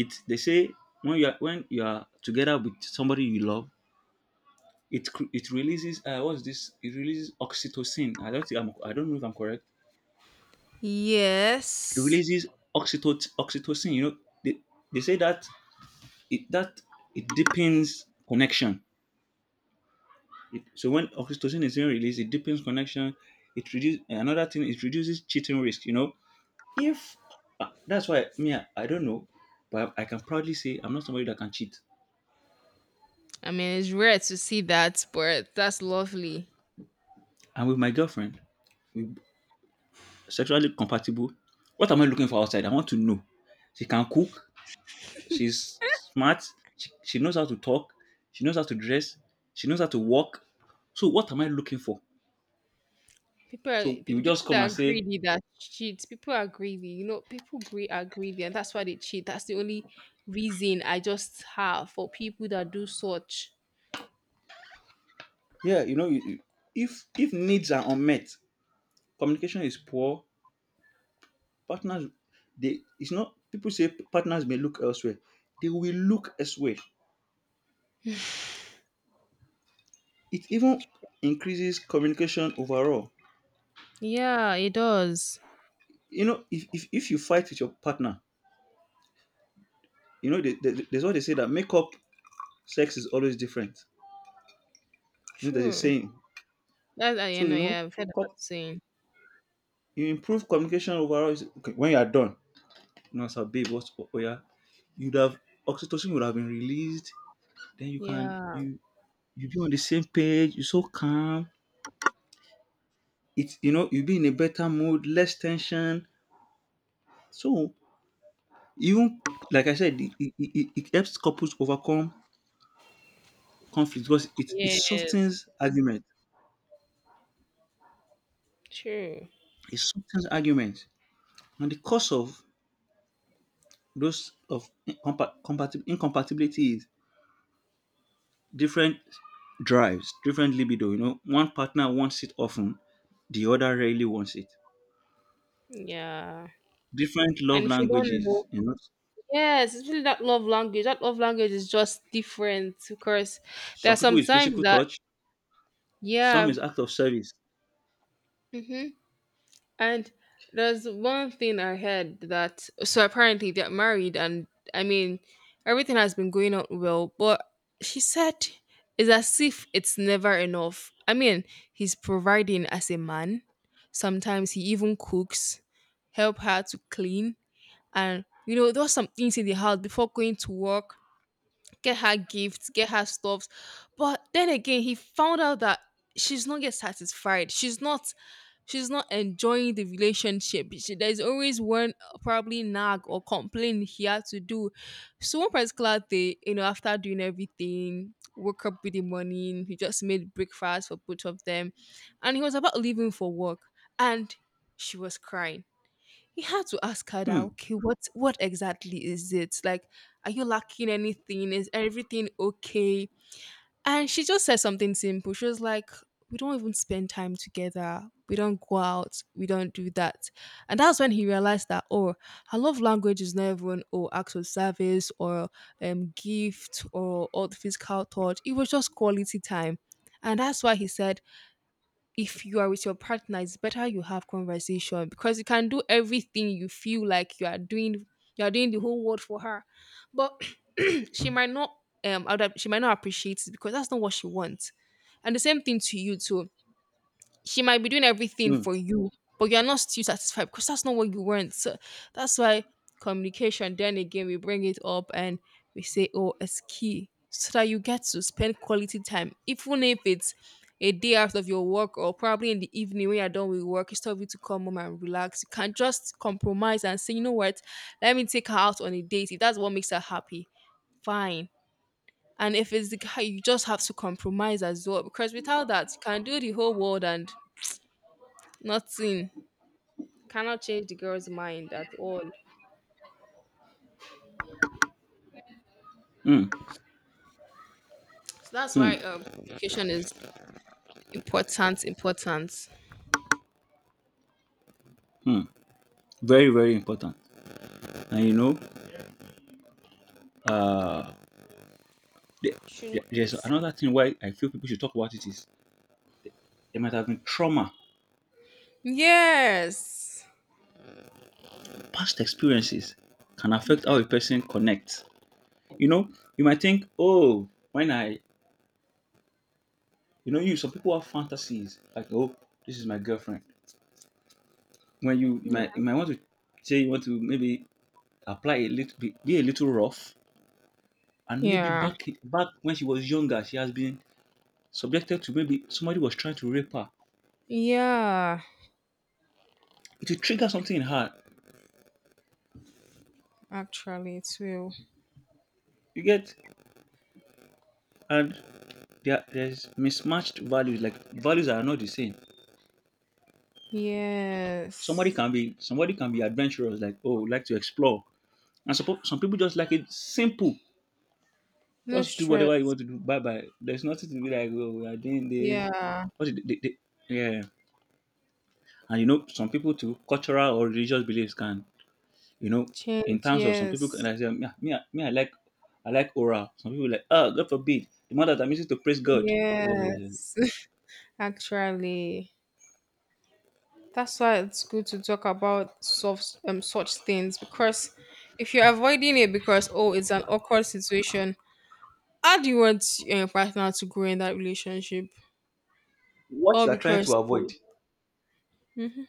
Speaker 2: it they say when you are together with somebody you love, it it releases what's this? It releases oxytocin. I don't think I'm, I don't know if I'm correct. It
Speaker 1: yes.
Speaker 2: releases oxytocin. Oxytocin. You know, they, they say that it that it deepens connection. It- so when oxytocin is being released, it deepens connection. It reduces another thing. It reduces cheating risk. You know, if that's why me, I don't know, but I can proudly say I'm not somebody that can cheat.
Speaker 1: I mean, it's rare to see that, but that's lovely.
Speaker 2: And with my girlfriend, we sexually compatible. What am I looking for outside? I want to know. She can cook. She's smart. She knows how to talk. She knows how to dress. She knows how to walk. So what am I looking for? So you just
Speaker 1: People
Speaker 2: come and
Speaker 1: that are
Speaker 2: say,
Speaker 1: greedy that cheat. People are greedy. You know, people are greedy, and that's why they cheat. That's the only reason I just have for people that do such.
Speaker 2: yeah, you know, you- if needs are unmet, communication is poor. Partners, they it's not people say partners may look elsewhere. They will look elsewhere. It even increases communication overall.
Speaker 1: Yeah, it does.
Speaker 2: You know, if you fight with your partner, you know, there's what they say that makeup sex is always different. You know, there's a
Speaker 1: True.
Speaker 2: saying.
Speaker 1: That I
Speaker 2: So
Speaker 1: you
Speaker 2: you
Speaker 1: know.
Speaker 2: know,
Speaker 1: Yeah, I've heard about
Speaker 2: cop-
Speaker 1: saying.
Speaker 2: you improve communication overall. Is, okay, when you are done, you know, sir, babe, what's oh yeah, you'd have oxytocin would have been released. Then you can
Speaker 1: Yeah.
Speaker 2: you you be on the same page. You're so calm. You'll be in a better mood, less tension. So, even like I said, it helps couples overcome conflict because it
Speaker 1: Yes.
Speaker 2: softens argument.
Speaker 1: True.
Speaker 2: It softens argument. And the cause of those of incompatibility is different drives, different libido. You know, one partner wants it often, the other rarely wants it.
Speaker 1: Yeah.
Speaker 2: Different love
Speaker 1: And if you don't
Speaker 2: languages.
Speaker 1: know,
Speaker 2: You know,
Speaker 1: yes, it's really that love language. That love language is just different because there
Speaker 2: some
Speaker 1: are
Speaker 2: people is
Speaker 1: sometimes
Speaker 2: physical
Speaker 1: that,
Speaker 2: touch, some
Speaker 1: yeah.
Speaker 2: is act of service.
Speaker 1: Hmm. And there's one thing I heard that, so apparently they're married, and I mean, everything has been going on well, but she said it's as if it's never enough. I mean, he's providing as a man. Sometimes he even cooks, help her to clean, and you know, there was some things in the house before going to work, get her gifts, get her stuffs. But then again, he found out that she's not get satisfied. She's not enjoying the relationship. She, there's always one probably nag or complaint he had to do. So one particular day, you know, after doing everything, woke up with the morning, he just made breakfast for both of them. And he was about leaving for work. And she was crying. He had to ask her that,
Speaker 2: Hmm,
Speaker 1: okay, what exactly is it? Like, are you lacking anything? Is everything okay? And she just said something simple. She was like, we don't even spend time together. We don't go out. We don't do that. And that's when he realized that, oh, her love language is not even oh acts of service or gift or all the physical touch. It was just quality time. And that's why he said if you are with your partner, it's better you have conversation because you can do everything you feel like you are doing. You are doing the whole world for her, but she might not she might not appreciate it because that's not what she wants. And the same thing to you too, she might be doing everything
Speaker 2: hmm,
Speaker 1: for you, but you're not still satisfied because that's not what you want. So that's why communication, then again, we bring it up and we say, oh, it's key so that you get to spend quality time, even if it's a day out of your work or probably in the evening when you're done with work, it's time for you to come home and relax. You can just compromise and say, you know what, let me take her out on a date. If that's what makes her happy, fine. And if it's the guy, you just have to compromise as well because without that, you can do the whole world and nothing. Cannot change the girl's mind at all.
Speaker 2: hmm,
Speaker 1: So that's why
Speaker 2: hmm,
Speaker 1: communication is important, important.
Speaker 2: hmm. Very, very important. And you know, uh, the-
Speaker 1: Truly
Speaker 2: there's
Speaker 1: is.
Speaker 2: another thing why I feel people should talk about it is there might have been trauma.
Speaker 1: Yes.
Speaker 2: Past experiences can affect how
Speaker 1: Mm-hmm.
Speaker 2: a person connects. You know, you might think, oh, when I, you know, you some people have fantasies like, oh, this is my girlfriend. You might want to say you want to maybe apply a little, be a little rough, and maybe
Speaker 1: Yeah.
Speaker 2: back when she was younger, she has been subjected to maybe somebody was trying to rape her.
Speaker 1: Yeah.
Speaker 2: It will trigger something in her.
Speaker 1: Actually it will.
Speaker 2: You get. And there's mismatched values, like values are not the same. Somebody
Speaker 1: Yes.
Speaker 2: can be, adventurous, like, oh, like to explore, and some people just like it simple.
Speaker 1: No
Speaker 2: Just do whatever you
Speaker 1: stress.
Speaker 2: want to do, bye bye. There's nothing to be like, oh, we are doing this.
Speaker 1: Yeah.
Speaker 2: What did they, yeah. And you know, some people too, cultural or religious beliefs can, you know, in
Speaker 1: Change,
Speaker 2: terms of some people
Speaker 1: yes.
Speaker 2: can, like, say me, I like oral. Some people like, oh, god forbid the man that I'm using to praise god. Uh,
Speaker 1: Yes. Actually. That's why it's good to talk about soft, such things because if you're avoiding it because, oh, it's an awkward situation, how do you want your partner to grow in that relationship?
Speaker 2: what
Speaker 1: All
Speaker 2: you are trying
Speaker 1: because,
Speaker 2: to avoid.
Speaker 1: oh, mhm.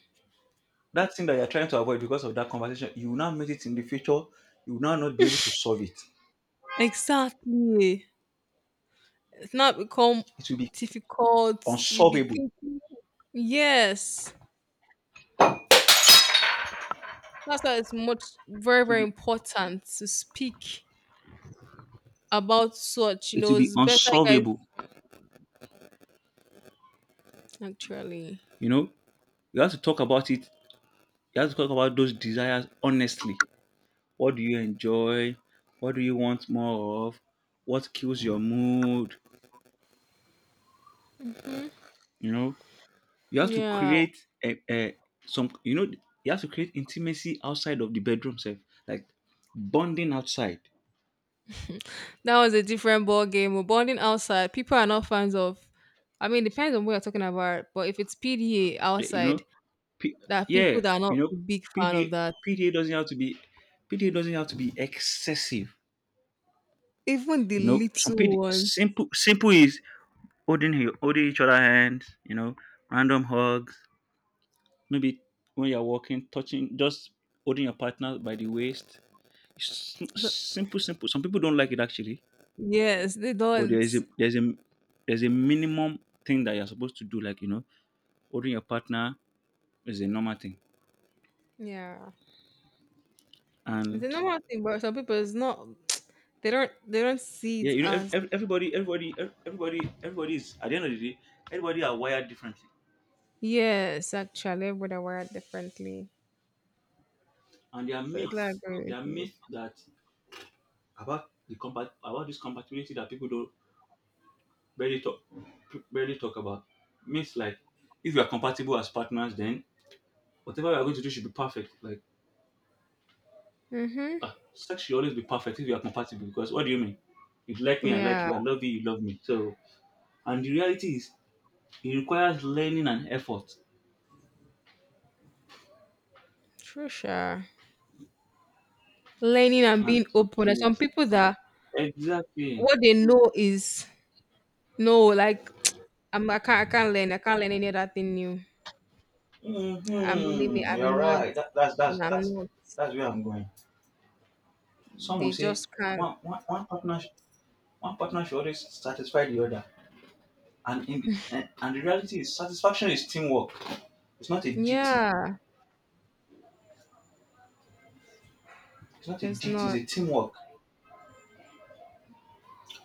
Speaker 2: That thing that you're trying to avoid because of that conversation, you will now meet it in the future. You will now not be able to solve it.
Speaker 1: Exactly. It's not become
Speaker 2: It will be
Speaker 1: difficult. You be
Speaker 2: unsolvable.
Speaker 1: thinking, yes. That's why it's much, very,
Speaker 2: Will
Speaker 1: very
Speaker 2: be
Speaker 1: important to speak about such. You
Speaker 2: it will
Speaker 1: know,
Speaker 2: be
Speaker 1: it's better, guys,
Speaker 2: unsolvable.
Speaker 1: actually.
Speaker 2: You know, you have to talk about it. You have to talk about those desires honestly. What do you enjoy? What do you want more of? What kills your mood?
Speaker 1: Hmm.
Speaker 2: You know, you have to
Speaker 1: Yeah.
Speaker 2: create a some. You know, you have to create intimacy outside of the bedroom, self, like, bonding outside.
Speaker 1: That was a different ball game. We're bonding outside. People are not fans of. I mean, depends on what you're talking about. But if it's PDA
Speaker 2: You know,
Speaker 1: outside,
Speaker 2: P-
Speaker 1: there are
Speaker 2: yeah,
Speaker 1: people that are not
Speaker 2: you know,
Speaker 1: a big fan of that.
Speaker 2: PDA, PDA doesn't have to be, PDA doesn't have to be excessive.
Speaker 1: Even the
Speaker 2: You know, some
Speaker 1: little
Speaker 2: PD,
Speaker 1: ones.
Speaker 2: simple simple, is holding holding each other hands. You know, random hugs. Maybe when you're walking, touching, just holding your partner by the waist. Simple, simple. Some people don't like it, actually,
Speaker 1: Yes, they
Speaker 2: but there
Speaker 1: don't.
Speaker 2: is a, there's a minimum thing that you're supposed to do. Like, you know, holding your partner is a normal thing,
Speaker 1: Yeah, it's a
Speaker 2: and
Speaker 1: normal thing, but some people it's not. They don't. They don't see
Speaker 2: Yeah,
Speaker 1: it
Speaker 2: you know,
Speaker 1: as
Speaker 2: everybody is, at the end of the day, everybody are wired differently,
Speaker 1: yes. Actually, but I wear it differently?
Speaker 2: and there are
Speaker 1: So I
Speaker 2: myths,
Speaker 1: agree with you.
Speaker 2: that, about the compat about this compatibility that people don't barely talk, about. Myths like, if you are compatible as partners, then whatever you are going to do should be perfect. Like,
Speaker 1: Mhm.
Speaker 2: sex should always be perfect if you are compatible. Because what do you mean? You like me, I like
Speaker 1: Yeah.
Speaker 2: you. I love you, you love me. So, and the reality is, it requires learning and effort.
Speaker 1: True. Sure. Learning and
Speaker 2: And
Speaker 1: being open. There's some people that
Speaker 2: exactly.
Speaker 1: what they know is no, like I'm I can't learn. I can't learn any other thing new. I'm
Speaker 2: Hmm.
Speaker 1: limit I'm
Speaker 2: You're
Speaker 1: not.
Speaker 2: right. That, that's that's
Speaker 1: I'm
Speaker 2: that's
Speaker 1: not.
Speaker 2: that's where I'm going. Some will
Speaker 1: They
Speaker 2: say
Speaker 1: just can't.
Speaker 2: one one one partner sh- one partner should always satisfy the other, and in and and the reality is satisfaction is teamwork. It's not a duty.
Speaker 1: Yeah.
Speaker 2: It's not a
Speaker 1: It's
Speaker 2: duty. It's
Speaker 1: not
Speaker 2: a teamwork.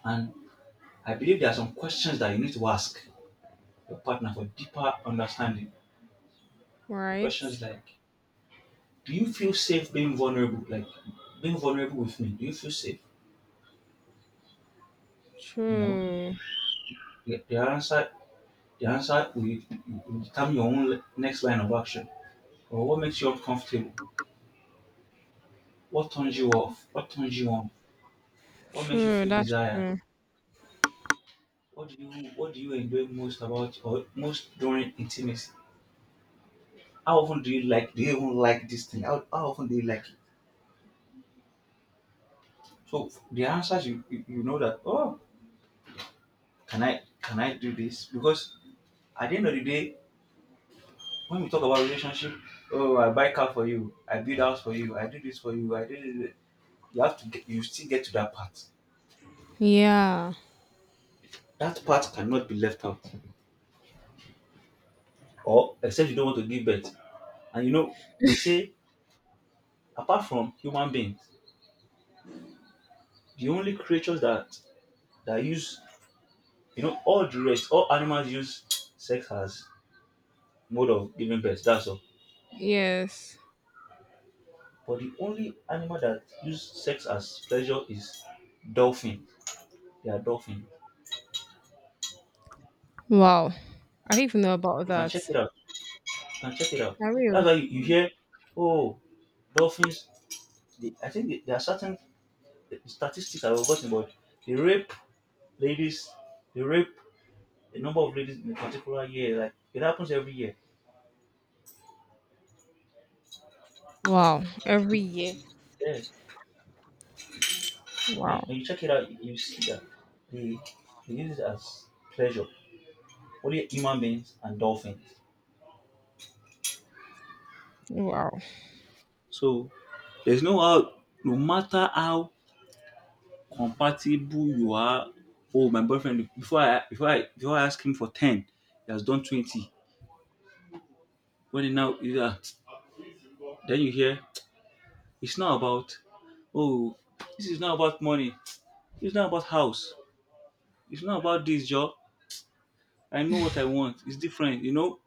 Speaker 2: And I believe there are some questions that you need to ask your partner for deeper understanding.
Speaker 1: right.
Speaker 2: Questions like, do you feel safe being vulnerable? Like, being vulnerable with me. Do you feel safe? You know,
Speaker 1: True.
Speaker 2: the, the answer the answer will, determine your own next line of action. Or, what makes you uncomfortable? What turns you off? What turns you on? What makes you
Speaker 1: True,
Speaker 2: feel
Speaker 1: that's
Speaker 2: desired?
Speaker 1: true.
Speaker 2: What do you what do you enjoy most about, or most during, intimacy? How often do you like, do you even like this thing? How often do you like it? So, the answers, you know that, oh, can I do this? Because at the end of the day, when we talk about relationship, oh, I buy car for you, I build house for you, I do this for you, I do this. You still get to that part.
Speaker 1: Yeah.
Speaker 2: That part cannot be left out. Or, except you don't want to give birth. And you know, they say apart from human beings, the only creatures that use, you know, all the rest, all animals use sex as mode of giving birth. That's all.
Speaker 1: Yes.
Speaker 2: But the only animal that use sex as pleasure is dolphin. They are dolphin.
Speaker 1: Wow. I didn't even know about
Speaker 2: You can
Speaker 1: that.
Speaker 2: check it out. You can check it out.
Speaker 1: Are
Speaker 2: That's
Speaker 1: you?
Speaker 2: why you hear, oh, dolphins. They, I think there are certain statistics I've forgotten, but they rape ladies, they rape a number of ladies in a particular year. Like, it happens every year.
Speaker 1: Wow. Every year.
Speaker 2: Yeah. When you,
Speaker 1: Wow.
Speaker 2: when you check it out, you see that they, they use it as pleasure. Only human beings and dolphins.
Speaker 1: Wow.
Speaker 2: So, there's no how. No matter how compatible you are, oh my boyfriend. Before I ask him for 10, he has done 20. When he now, yeah. Then you hear, it's not about, oh, this is not about money. It's not about house. It's not about this job. I know what I want. It's different, you know.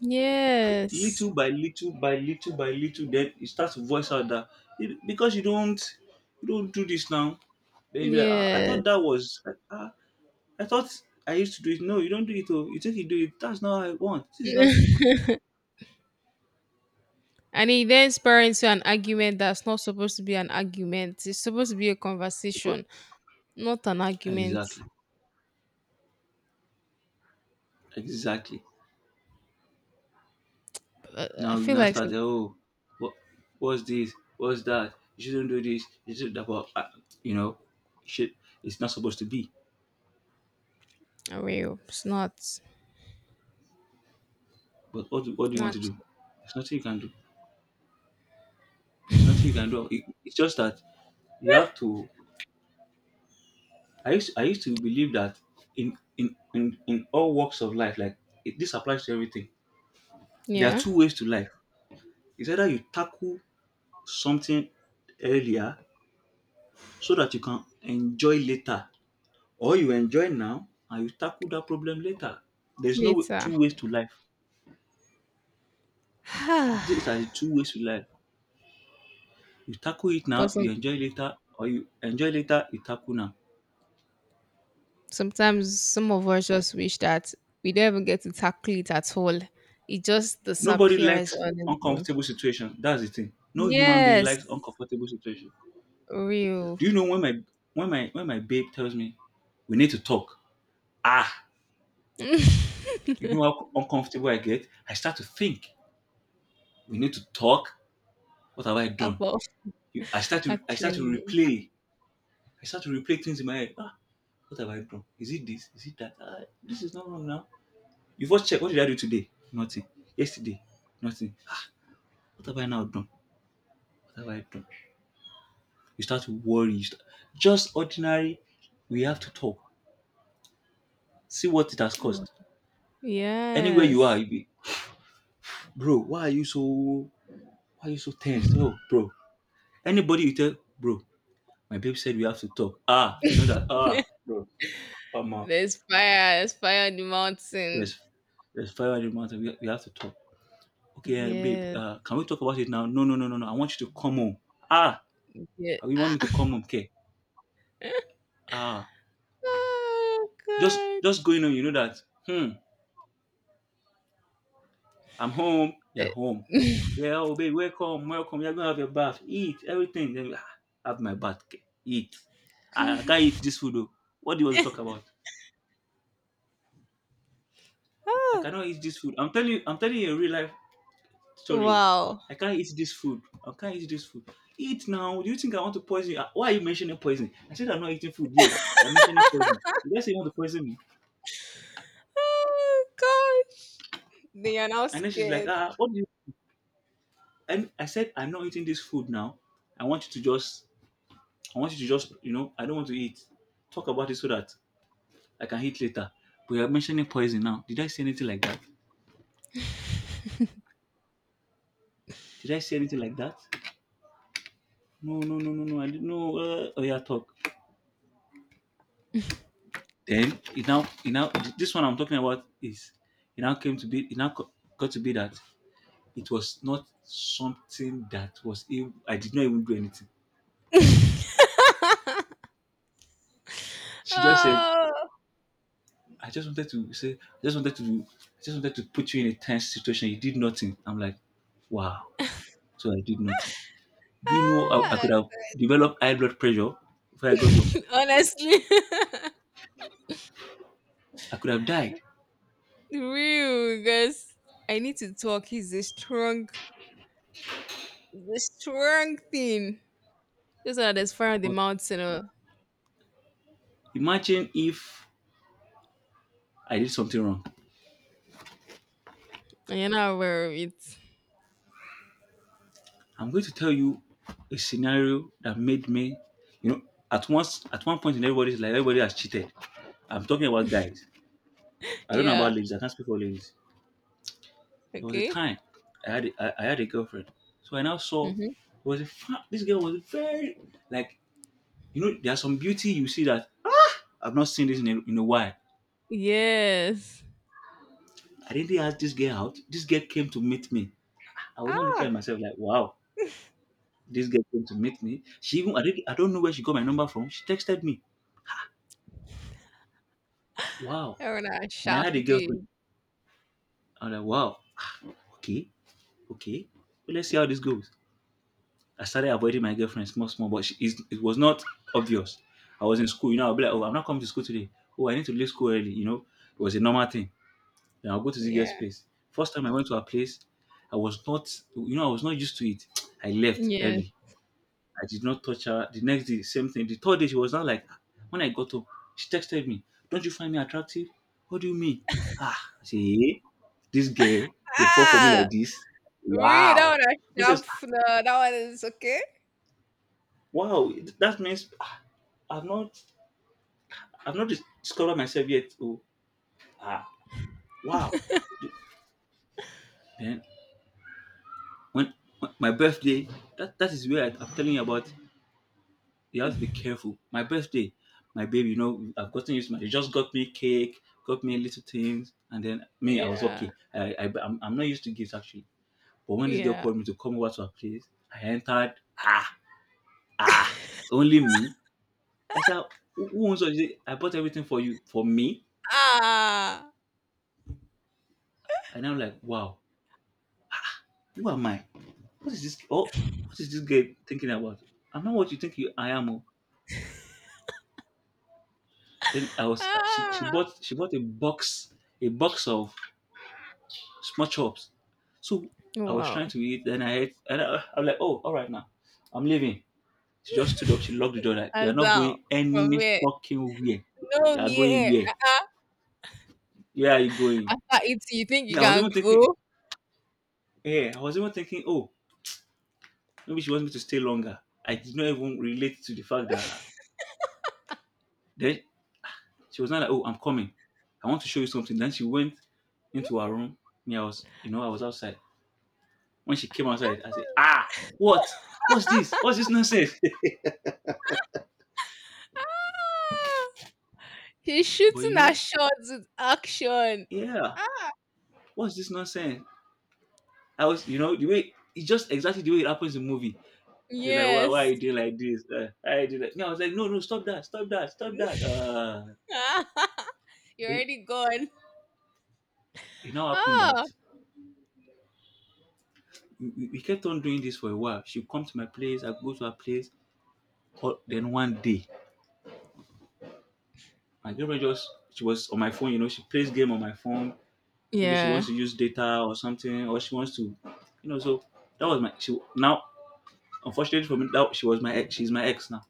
Speaker 1: Yes.
Speaker 2: Little by little by little by little, then you start to voice out that, "Eh, because you don't do this now." Then you be like, ah, I thought
Speaker 1: Yes.
Speaker 2: that was, I thought I used to do it. No, you don't do it. Oh, you think you do it? That's not how I want. This is not.
Speaker 1: And it then spirals into an argument that's not supposed to be an argument. It's supposed to be a
Speaker 2: Because,
Speaker 1: conversation, not an argument.
Speaker 2: exactly, exactly.
Speaker 1: I
Speaker 2: Now you
Speaker 1: feel
Speaker 2: now
Speaker 1: like
Speaker 2: start.
Speaker 1: it's
Speaker 2: Oh, what what's this? What's that? You shouldn't do this. You should that. But, you know, shit. It's not supposed to be.
Speaker 1: a real. It's not.
Speaker 2: But what do you want
Speaker 1: Not
Speaker 2: to do? There's nothing you can do. There's nothing you can do. It's just that you have to. I used to believe that in all walks of life, like this applies to everything. There are
Speaker 1: yeah.
Speaker 2: two ways to life. It's either you tackle something earlier so that you can enjoy later, or you enjoy now and you tackle that problem later. There's no
Speaker 1: Later.
Speaker 2: two ways to life.
Speaker 1: But
Speaker 2: Those are the two ways to life. You tackle it now, you
Speaker 1: some,
Speaker 2: enjoy later, or you enjoy later, you tackle now.
Speaker 1: sometimes some of us just wish that we don't even get to tackle it at all. It just
Speaker 2: Nobody
Speaker 1: disappears
Speaker 2: likes
Speaker 1: on its own.
Speaker 2: uncomfortable situation. That's the thing. No human being
Speaker 1: Yes.
Speaker 2: likes uncomfortable situation.
Speaker 1: Real.
Speaker 2: Do you know when my when my babe tells me we need to talk? Ah, you know how uncomfortable I get. I start to think. We need to talk. What have I done?
Speaker 1: About
Speaker 2: I start to
Speaker 1: actually.
Speaker 2: replay. I start to replay things in my head. Ah, what have I done? Is it this? Is it that? Ah, this is not wrong now. You first check. What did I do today? Nothing. Yesterday, nothing. What have I now done? What have I done? You start to worry. Just ordinary, we have to talk, see what it has cost. Anywhere you are,
Speaker 1: Yes.
Speaker 2: you be, bro, why are you so tense? Oh, bro. Anybody you tell, bro, my babe said we have to talk. Ah, they know that. Ah, bro, Mama,
Speaker 1: There's fire on the mountain.
Speaker 2: there's there's fire in the mountain. We have to talk. Okay, babe,
Speaker 1: Yes,
Speaker 2: can we talk about it now? No, no, no, no, no. I want you to come home. Ah,
Speaker 1: yeah.
Speaker 2: you want me to
Speaker 1: Ah.
Speaker 2: come home? Okay. Ah,
Speaker 1: Oh
Speaker 2: just
Speaker 1: god.
Speaker 2: just going on. You know that. Hmm. I'm home. You're
Speaker 1: Eh.
Speaker 2: home. Yeah, oh babe, welcome, welcome. You're gonna have your bath, eat everything. Then, "Ah, have my bath, okay, eat. I can't eat this food." Oh. What do you want to talk about? I
Speaker 1: Ah,
Speaker 2: cannot eat this food. I'm telling you a real life story. Oh.
Speaker 1: wow.
Speaker 2: I can't eat this food. I can't eat this food. Eat now. Do you think I want to poison you? Ah, why are you mentioning poison? I said I'm not eating food yet. You're mentioning poison. You guys say you want to poison me.
Speaker 1: Oh god. They are now
Speaker 2: And then she's like,
Speaker 1: scared.
Speaker 2: ah, what do you? And I said I'm not eating this food now. I want you to just, I don't want to eat. Talk about it so that I can eat later. But you're mentioning poison now. Did I say anything like that? Did I say anything like that? No, no, no, no, no. I didn't know. Oh yeah, talk. Then it now, this one I'm talking about is it now came to be. It got to be that it was not something that I did not even do anything. She just said,
Speaker 1: Oh,
Speaker 2: "I just wanted to say, I just wanted to do, I just wanted to put you in a tense situation. You did nothing." I'm like, "Wow." So I did nothing. Do you know I
Speaker 1: ah.
Speaker 2: could have developed high blood pressure before I got home?
Speaker 1: Honestly,
Speaker 2: I could have died.
Speaker 1: real guys. I need to talk. He's a strong, the strong thing. Just so that there's fire on the
Speaker 2: But
Speaker 1: mountain. Oh.
Speaker 2: imagine if I did something wrong.
Speaker 1: You're not aware of it.
Speaker 2: I'm going to tell you a scenario that made me, you know, at once at one point in everybody's life, everybody has cheated. I'm talking about guys. I don't know about
Speaker 1: Yeah.
Speaker 2: ladies. I can't speak for ladies. There was a
Speaker 1: Okay.
Speaker 2: time I had a girlfriend. So I now saw there
Speaker 1: Mm-hmm.
Speaker 2: was a fa- this girl was very, like, you know, there are some beauty you see that I've not seen this in a while.
Speaker 1: Yes.
Speaker 2: I didn't ask this girl out. This girl came to meet me. I was not looking at
Speaker 1: Ah,
Speaker 2: myself like, wow, this girl came to meet me. She even I don't know where she got my number from. She texted me. Wow.
Speaker 1: that one a
Speaker 2: And I
Speaker 1: sharp
Speaker 2: had a girlfriend.
Speaker 1: big.
Speaker 2: I'm like, wow, ah, okay, okay. Well, let's see how this goes. I started avoiding my girlfriend small, small, but it was not obvious. I was in school, you know, I'll be like, oh, I'm not coming to school today. Oh, I need to leave school early, you know. It was a normal thing. Then I'll go to the girl's
Speaker 1: Yeah.
Speaker 2: place. First time I went to her place, I was not, you know, I was not used to it. I left
Speaker 1: Yes.
Speaker 2: early. I did not touch her. The next day, same thing. The third day, she was not like, "Ah, when I got home, she texted me, don't you find me attractive? What do you mean? Ah, I say, "Eh, this girl, they fall for me
Speaker 1: Ah,
Speaker 2: like this.
Speaker 1: really? That
Speaker 2: Wow.
Speaker 1: one a
Speaker 2: Mrs.
Speaker 1: sharp. No, that one is okay.
Speaker 2: Wow, that means ah, I've not I've not discovered myself yet. Oh, ah, wow. Then when, when my birthday, that is where I'm telling you about you have to be careful. My birthday, my baby, you know, I've gotten used to my. She just got me cake, got me little things, and then me, I was
Speaker 1: Yeah.
Speaker 2: okay. I'm not used to gifts actually. But when this girl
Speaker 1: Yeah.
Speaker 2: called me to come over to her place, I entered. Ah, ah, it's only me. I said, who owns all this? I bought everything for you, for me.
Speaker 1: Ah,
Speaker 2: And I'm like, wow, who am I? What is this? Oh, what is this girl thinking about? I'm not what you think you, I am. Oh. Then I was. She
Speaker 1: ah,
Speaker 2: bought. she bought a box. A box of small chops. So I was
Speaker 1: wow.
Speaker 2: trying to eat, then I ate, and I'm like, oh, all right now, I'm leaving. She just stood up, she locked the door. Like, you're not
Speaker 1: Azal,
Speaker 2: going
Speaker 1: from
Speaker 2: any
Speaker 1: where?
Speaker 2: fucking where.
Speaker 1: No,
Speaker 2: You're going
Speaker 1: yeah.
Speaker 2: where?
Speaker 1: Uh-uh.
Speaker 2: Where are you going?
Speaker 1: After it, you think
Speaker 2: Me,
Speaker 1: you
Speaker 2: I was even
Speaker 1: can
Speaker 2: thinking,
Speaker 1: go?
Speaker 2: yeah, I was even thinking, oh, maybe she wants me to stay longer. I did not even relate to the fact that then she was not like, oh, I'm coming. I want to show you something. Then she went into her room. Me, I was, you know, I was outside. When she came outside, I said, ah, what? What's this? What's this nonsense?
Speaker 1: Ah, he's
Speaker 2: but
Speaker 1: shooting
Speaker 2: you
Speaker 1: a
Speaker 2: know,
Speaker 1: shots with action.
Speaker 2: yeah,
Speaker 1: Ah,
Speaker 2: what's this nonsense? I was, you know, the way it's just exactly the way it happens in movie. They're like, why are
Speaker 1: yes.
Speaker 2: you doing like this? Why are you doing that? No, I was like, no, no, stop that, stop that, stop that.
Speaker 1: You're
Speaker 2: Then
Speaker 1: already gone.
Speaker 2: it now happened that
Speaker 1: Oh.
Speaker 2: we kept on doing this for a while. She come to my place, I go to her place. Or then one day, my girlfriend just she was on my phone. You know, she plays game on my phone. Maybe she wants
Speaker 1: Yeah.
Speaker 2: to use data or something, or she wants to, you know. So that was my. She now, unfortunately for me, that she was my ex. She's my ex now.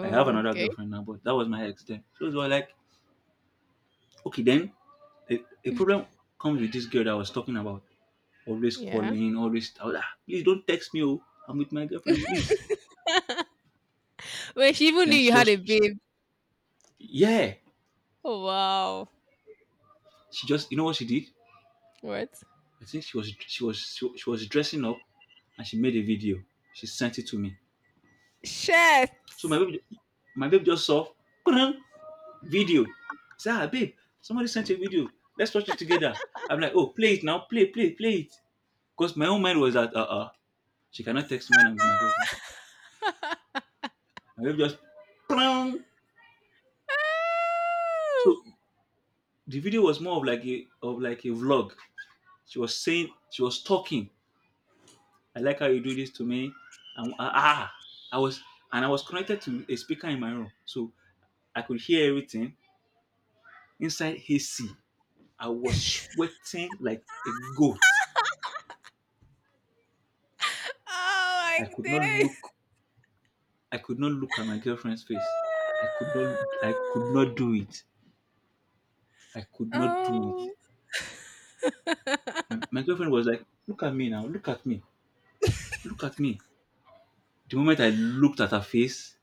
Speaker 2: I have another
Speaker 1: okay.
Speaker 2: girlfriend now, but that was my ex then. So it was like, okay, then a problem comes with this girl that I was talking about. Always
Speaker 1: Yeah.
Speaker 2: calling, always, I was like, "Ah, please don't text me. Oh, I'm with my girlfriend, please.
Speaker 1: Wait, she even
Speaker 2: Then
Speaker 1: knew you had a babe.
Speaker 2: yeah,
Speaker 1: Oh, wow.
Speaker 2: she just, you know what she did?
Speaker 1: What?
Speaker 2: I think she was dressing up, and she made a video. She sent it to me.
Speaker 1: Shit.
Speaker 2: So my baby, my babe just saw, "Kudum," video. Say, ah, babe, somebody sent a video. Let's watch it together. I'm like, oh, play it now, play, play, play it. Because my own mind was that, she cannot text me when I'm with my girlfriend. My wife just, plong. So the video was more of like a vlog. She was saying, she was talking. I like how you do this to me. And ah, ah, I was and I was connected to a speaker in my room, so I could hear everything inside AC. I was sweating like a goat.
Speaker 1: Oh
Speaker 2: I
Speaker 1: my
Speaker 2: could not
Speaker 1: days.
Speaker 2: look. I could not look at my girlfriend's face. I could not. I could not do it. I could not do it.
Speaker 1: Oh.
Speaker 2: My girlfriend was like, look at me now, look at me, look at me. The moment I looked at her face,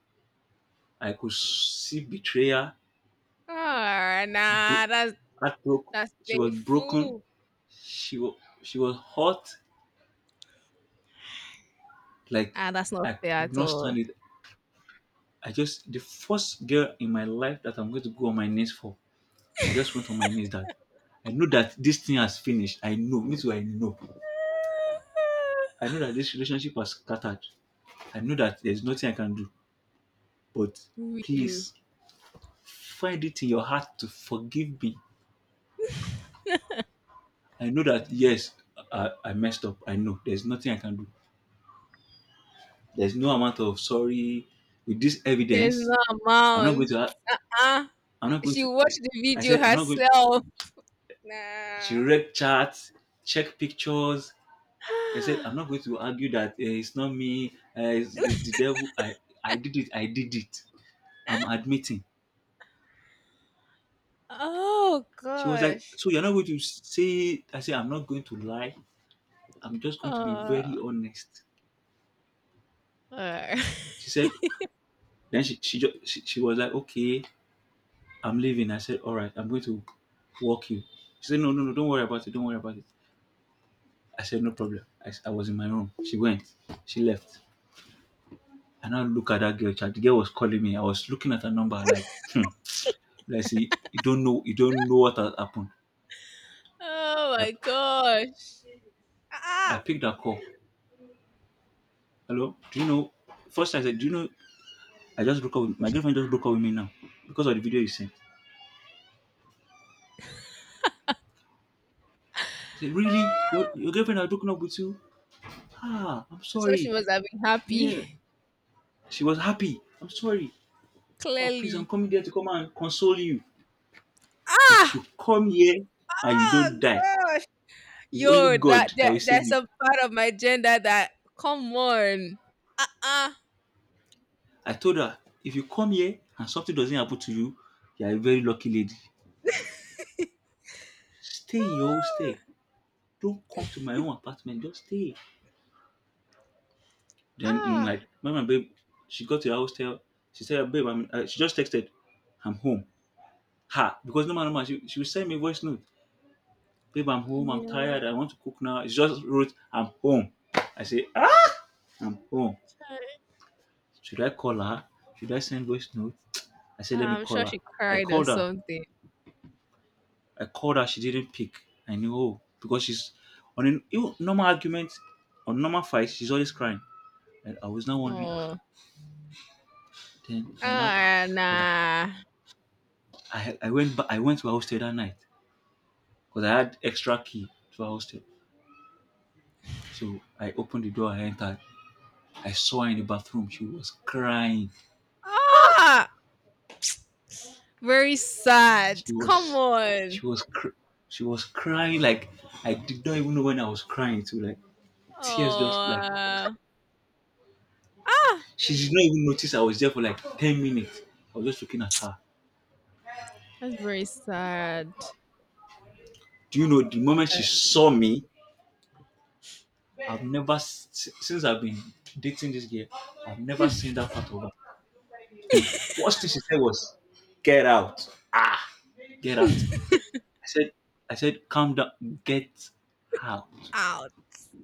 Speaker 2: I could see betrayal,
Speaker 1: Ah,
Speaker 2: bro-
Speaker 1: nah,
Speaker 2: heartbroken.
Speaker 1: that's
Speaker 2: She was broken.
Speaker 1: painful.
Speaker 2: She was, she was hot. Like,
Speaker 1: Ah, that's not
Speaker 2: I
Speaker 1: fair
Speaker 2: could
Speaker 1: at
Speaker 2: not stand
Speaker 1: all.
Speaker 2: it. I just, the first girl in my life that I'm going to go on my knees for, I just went on my knees that I know that this thing has finished. I know. Me too, I know. I know that this relationship has scattered. I know that there's nothing I can do. But
Speaker 1: You.
Speaker 2: please, find it in your heart to forgive me. I know that yes, I messed up. I know there's nothing I can do. There's no amount of sorry with this
Speaker 1: There's
Speaker 2: evidence.
Speaker 1: no
Speaker 2: I'm not going
Speaker 1: amount.
Speaker 2: to. ha-
Speaker 1: Uh,
Speaker 2: I'm not going
Speaker 1: she
Speaker 2: to.
Speaker 1: watched the
Speaker 2: I
Speaker 1: video
Speaker 2: said I'm not going.
Speaker 1: herself.
Speaker 2: She
Speaker 1: Nah.
Speaker 2: read charts, check pictures. I said I'm not going to argue that eh, it's not me. Eh, it's the devil. I did it. I did it. I'm admitting.
Speaker 1: Oh
Speaker 2: She was like,
Speaker 1: gosh.
Speaker 2: so you're not going to say. I said I'm not going to lie. I'm just going to be very
Speaker 1: Oh,
Speaker 2: honest.
Speaker 1: uh,
Speaker 2: She said, then she was like, okay, I'm leaving. I said, all right, I'm going to walk you. She said, no, no, no, don't worry about it. Don't worry about it. I said, no problem. I was in my room. She went. She left. And I look at that girl. Child. The girl was calling me. I was looking at her number like, hmm. Like, see, you don't know what has happened.
Speaker 1: oh
Speaker 2: I,
Speaker 1: my gosh.
Speaker 2: I
Speaker 1: Ah.
Speaker 2: picked that call. Hello, do you know? First I said, do you know? I just broke up. With, my girlfriend just broke up with me now because of the video you sent. I said, really? Your girlfriend has broken up with you? Ah, I'm
Speaker 1: So she
Speaker 2: sorry.
Speaker 1: must have been
Speaker 2: Yeah.
Speaker 1: happy.
Speaker 2: She was happy. I'm sorry. Oh, please, I'm
Speaker 1: Clearly.
Speaker 2: coming there to come and console you. If
Speaker 1: Ah!
Speaker 2: you come here and you don't
Speaker 1: Oh
Speaker 2: die,
Speaker 1: gosh.
Speaker 2: it's only
Speaker 1: Yo, that,
Speaker 2: God that
Speaker 1: that
Speaker 2: will save
Speaker 1: that's
Speaker 2: you.
Speaker 1: a part of my gender that come on. Uh-uh.
Speaker 2: I told her, if you come here and something doesn't happen to you, you are a very lucky lady. Stay in your own stay.
Speaker 1: Ah,
Speaker 2: Don't come to my own apartment. Just stay. Then, in
Speaker 1: ah,
Speaker 2: like, when my babe, she got to her hostel. She said, babe, I'm, she just texted, I'm home. Ha! Because no matter what, she would send me voice note. Babe, I'm home. I'm
Speaker 1: yeah.
Speaker 2: tired. I want to cook now. She just wrote, I'm home. I say, "Ah." I'm home. Should I call her? Should I send voice note? I said, let me
Speaker 1: I'm
Speaker 2: call
Speaker 1: sure
Speaker 2: her.
Speaker 1: she
Speaker 2: I
Speaker 1: cried or
Speaker 2: called her.
Speaker 1: something.
Speaker 2: I called her. She didn't pick. I knew oh, because she's on a even normal argument, on normal fight, she's always crying. And I was now wondering. Ah,
Speaker 1: Oh,
Speaker 2: then I now,
Speaker 1: ah, nah.
Speaker 2: I went back. I went to her hostel that night because I had extra key to her hostel. So I opened the door. I entered. I saw her in the bathroom. She was crying.
Speaker 1: Ah, very sad.
Speaker 2: she
Speaker 1: Come
Speaker 2: was
Speaker 1: on.
Speaker 2: she was cr- she was crying like I did not even know when I was crying. To like
Speaker 1: Oh,
Speaker 2: tears just like
Speaker 1: ah,
Speaker 2: she did not even notice I was there for like 10 minutes. I was just looking at her.
Speaker 1: that's very sad.
Speaker 2: Do you know the moment she
Speaker 1: That's
Speaker 2: saw me? I've never s- s- Since I've been dating this girl, I've never seen that part of her. The first thing she said was, get out, get out. I said I said, calm down, get out.
Speaker 1: out.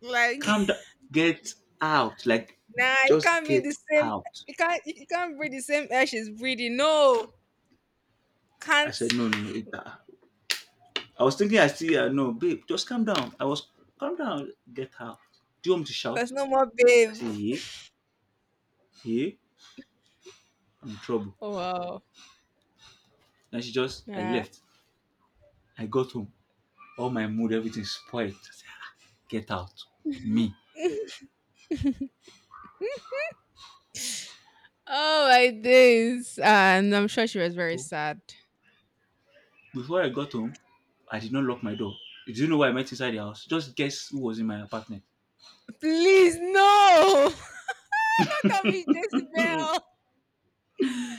Speaker 1: Like,
Speaker 2: Calm down, get out. Like
Speaker 1: nah, it
Speaker 2: just
Speaker 1: can't be the
Speaker 2: get
Speaker 1: same.
Speaker 2: out.
Speaker 1: It can't. You can't breathe the same air she's breathing. No,
Speaker 2: I
Speaker 1: can't.
Speaker 2: said, no, no, no. It, I was thinking, I see, no, babe, just calm down. I was, calm down, get out. Do you want me to shout?
Speaker 1: There's no more
Speaker 2: I
Speaker 1: babe.
Speaker 2: said, yeah, yeah, I'm in trouble.
Speaker 1: Oh wow.
Speaker 2: And she just, I
Speaker 1: Nah.
Speaker 2: left. I got home. All my mood, everything spoiled. I said, get out. Me.
Speaker 1: Oh my days. And I'm sure she was very
Speaker 2: Oh,
Speaker 1: sad.
Speaker 2: before I got home, I did not lock my door. Do you know why I met inside the house? Just guess who was in my apartment.
Speaker 1: Please no. How come it's Jezebel?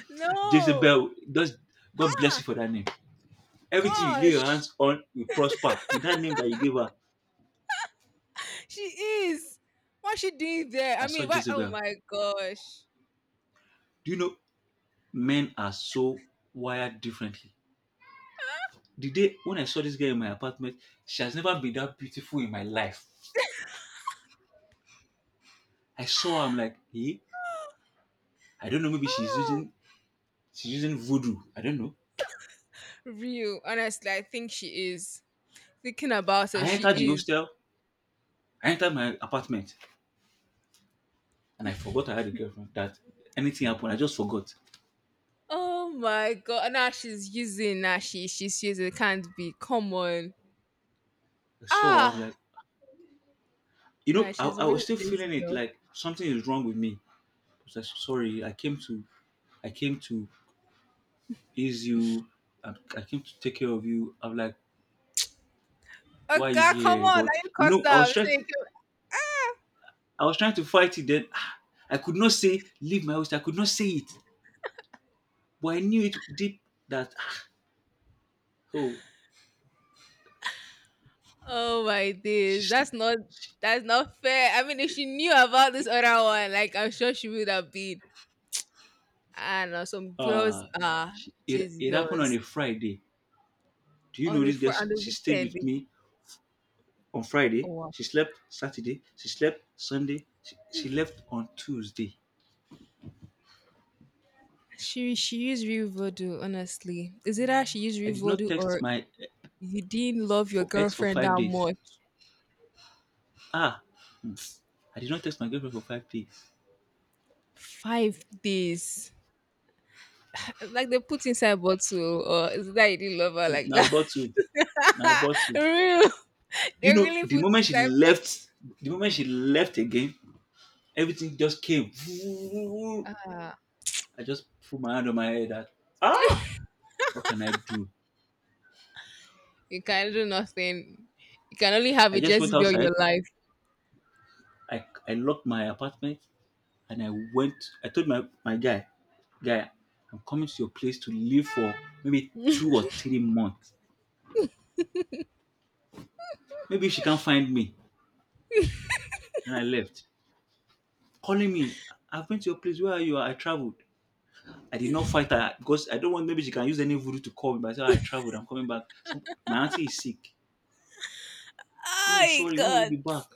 Speaker 1: No.
Speaker 2: Jezebel, just God bless you
Speaker 1: Ha.
Speaker 2: for that name. Everything you lay your
Speaker 1: Gosh.
Speaker 2: hands on will prosper. With that name that you gave her,
Speaker 1: She is. What's she doing there?
Speaker 2: I
Speaker 1: I
Speaker 2: saw
Speaker 1: mean, what? Oh
Speaker 2: Jezebel.
Speaker 1: my gosh.
Speaker 2: Do you know men are so wired differently. The day when I saw this girl in my apartment, she has never been that beautiful in my life. I saw her, I'm like, hey, I don't know, maybe
Speaker 1: Oh,
Speaker 2: she's using voodoo. I don't know.
Speaker 1: real. Honestly, I think she is. Thinking about her,
Speaker 2: I
Speaker 1: she
Speaker 2: entered the
Speaker 1: is.
Speaker 2: hostel, I entered my apartment, and I forgot I had a girlfriend. That anything happened, I just forgot.
Speaker 1: Oh my god. Now she's using. Now she's using. Can't be. Come on.
Speaker 2: I saw her, I'm
Speaker 1: Ah.
Speaker 2: like, you know,
Speaker 1: Now
Speaker 2: I,
Speaker 1: she's
Speaker 2: I
Speaker 1: a
Speaker 2: was
Speaker 1: real
Speaker 2: still feeling it
Speaker 1: Jezebel.
Speaker 2: like something is wrong with me. I was like, sorry, I came to ease you, I came to take care of you. I'm like,
Speaker 1: Oh
Speaker 2: why are you
Speaker 1: god. Come
Speaker 2: here?
Speaker 1: on.
Speaker 2: But
Speaker 1: Now you
Speaker 2: you know,
Speaker 1: cussed out.
Speaker 2: I was trying to fight it. Then ah, I could not say leave my house. I could not say it, but I knew it deep that ah, oh,
Speaker 1: Oh my days.
Speaker 2: she's
Speaker 1: That's not. That's not fair. I mean, if she knew about this other one, like, I'm sure she would have been. I don't know. Some girls
Speaker 2: uh,
Speaker 1: are
Speaker 2: she, it happened on
Speaker 1: Jezebels.
Speaker 2: a Friday. Do you know this girl?
Speaker 1: On the
Speaker 2: She stayed
Speaker 1: weekend.
Speaker 2: with me on
Speaker 1: Oh,
Speaker 2: Friday.
Speaker 1: wow.
Speaker 2: She slept Saturday. She slept Sunday. She left on Tuesday.
Speaker 1: She used real voodoo, honestly. Is it that she used
Speaker 2: I
Speaker 1: real
Speaker 2: did not
Speaker 1: voodoo,
Speaker 2: text
Speaker 1: or
Speaker 2: my
Speaker 1: you didn't love your
Speaker 2: for
Speaker 1: girlfriend
Speaker 2: five
Speaker 1: that
Speaker 2: days.
Speaker 1: much?
Speaker 2: Ah, hmm. I did not text my girlfriend for 5 days.
Speaker 1: 5 days. Like they put inside bottle, or is it that you didn't love her
Speaker 2: It's
Speaker 1: like
Speaker 2: now
Speaker 1: that?
Speaker 2: about to, now about to.
Speaker 1: Real.
Speaker 2: You
Speaker 1: They
Speaker 2: know,
Speaker 1: really
Speaker 2: the
Speaker 1: put
Speaker 2: moment she
Speaker 1: inside bottle.
Speaker 2: left, the moment she left again, everything just came.
Speaker 1: Ah,
Speaker 2: I just put my hand on my head that, ah, what can I do?
Speaker 1: you can do nothing. You can only have
Speaker 2: I
Speaker 1: a
Speaker 2: just went
Speaker 1: Jezebel
Speaker 2: outside.
Speaker 1: your life.
Speaker 2: I locked my apartment and I went. I told my, my guy, guy, I'm coming to your place to live for maybe 2 or 3 months. Maybe she can't find me. And I left. Calling me, I've been to your place. Where are you? I traveled. I did not fight her because I don't want maybe she can use any voodoo to call me, but I said, "Ah, I traveled, I'm coming back. So my auntie is sick. Oh,
Speaker 1: Oh
Speaker 2: sorry, when will you be
Speaker 1: God.
Speaker 2: back?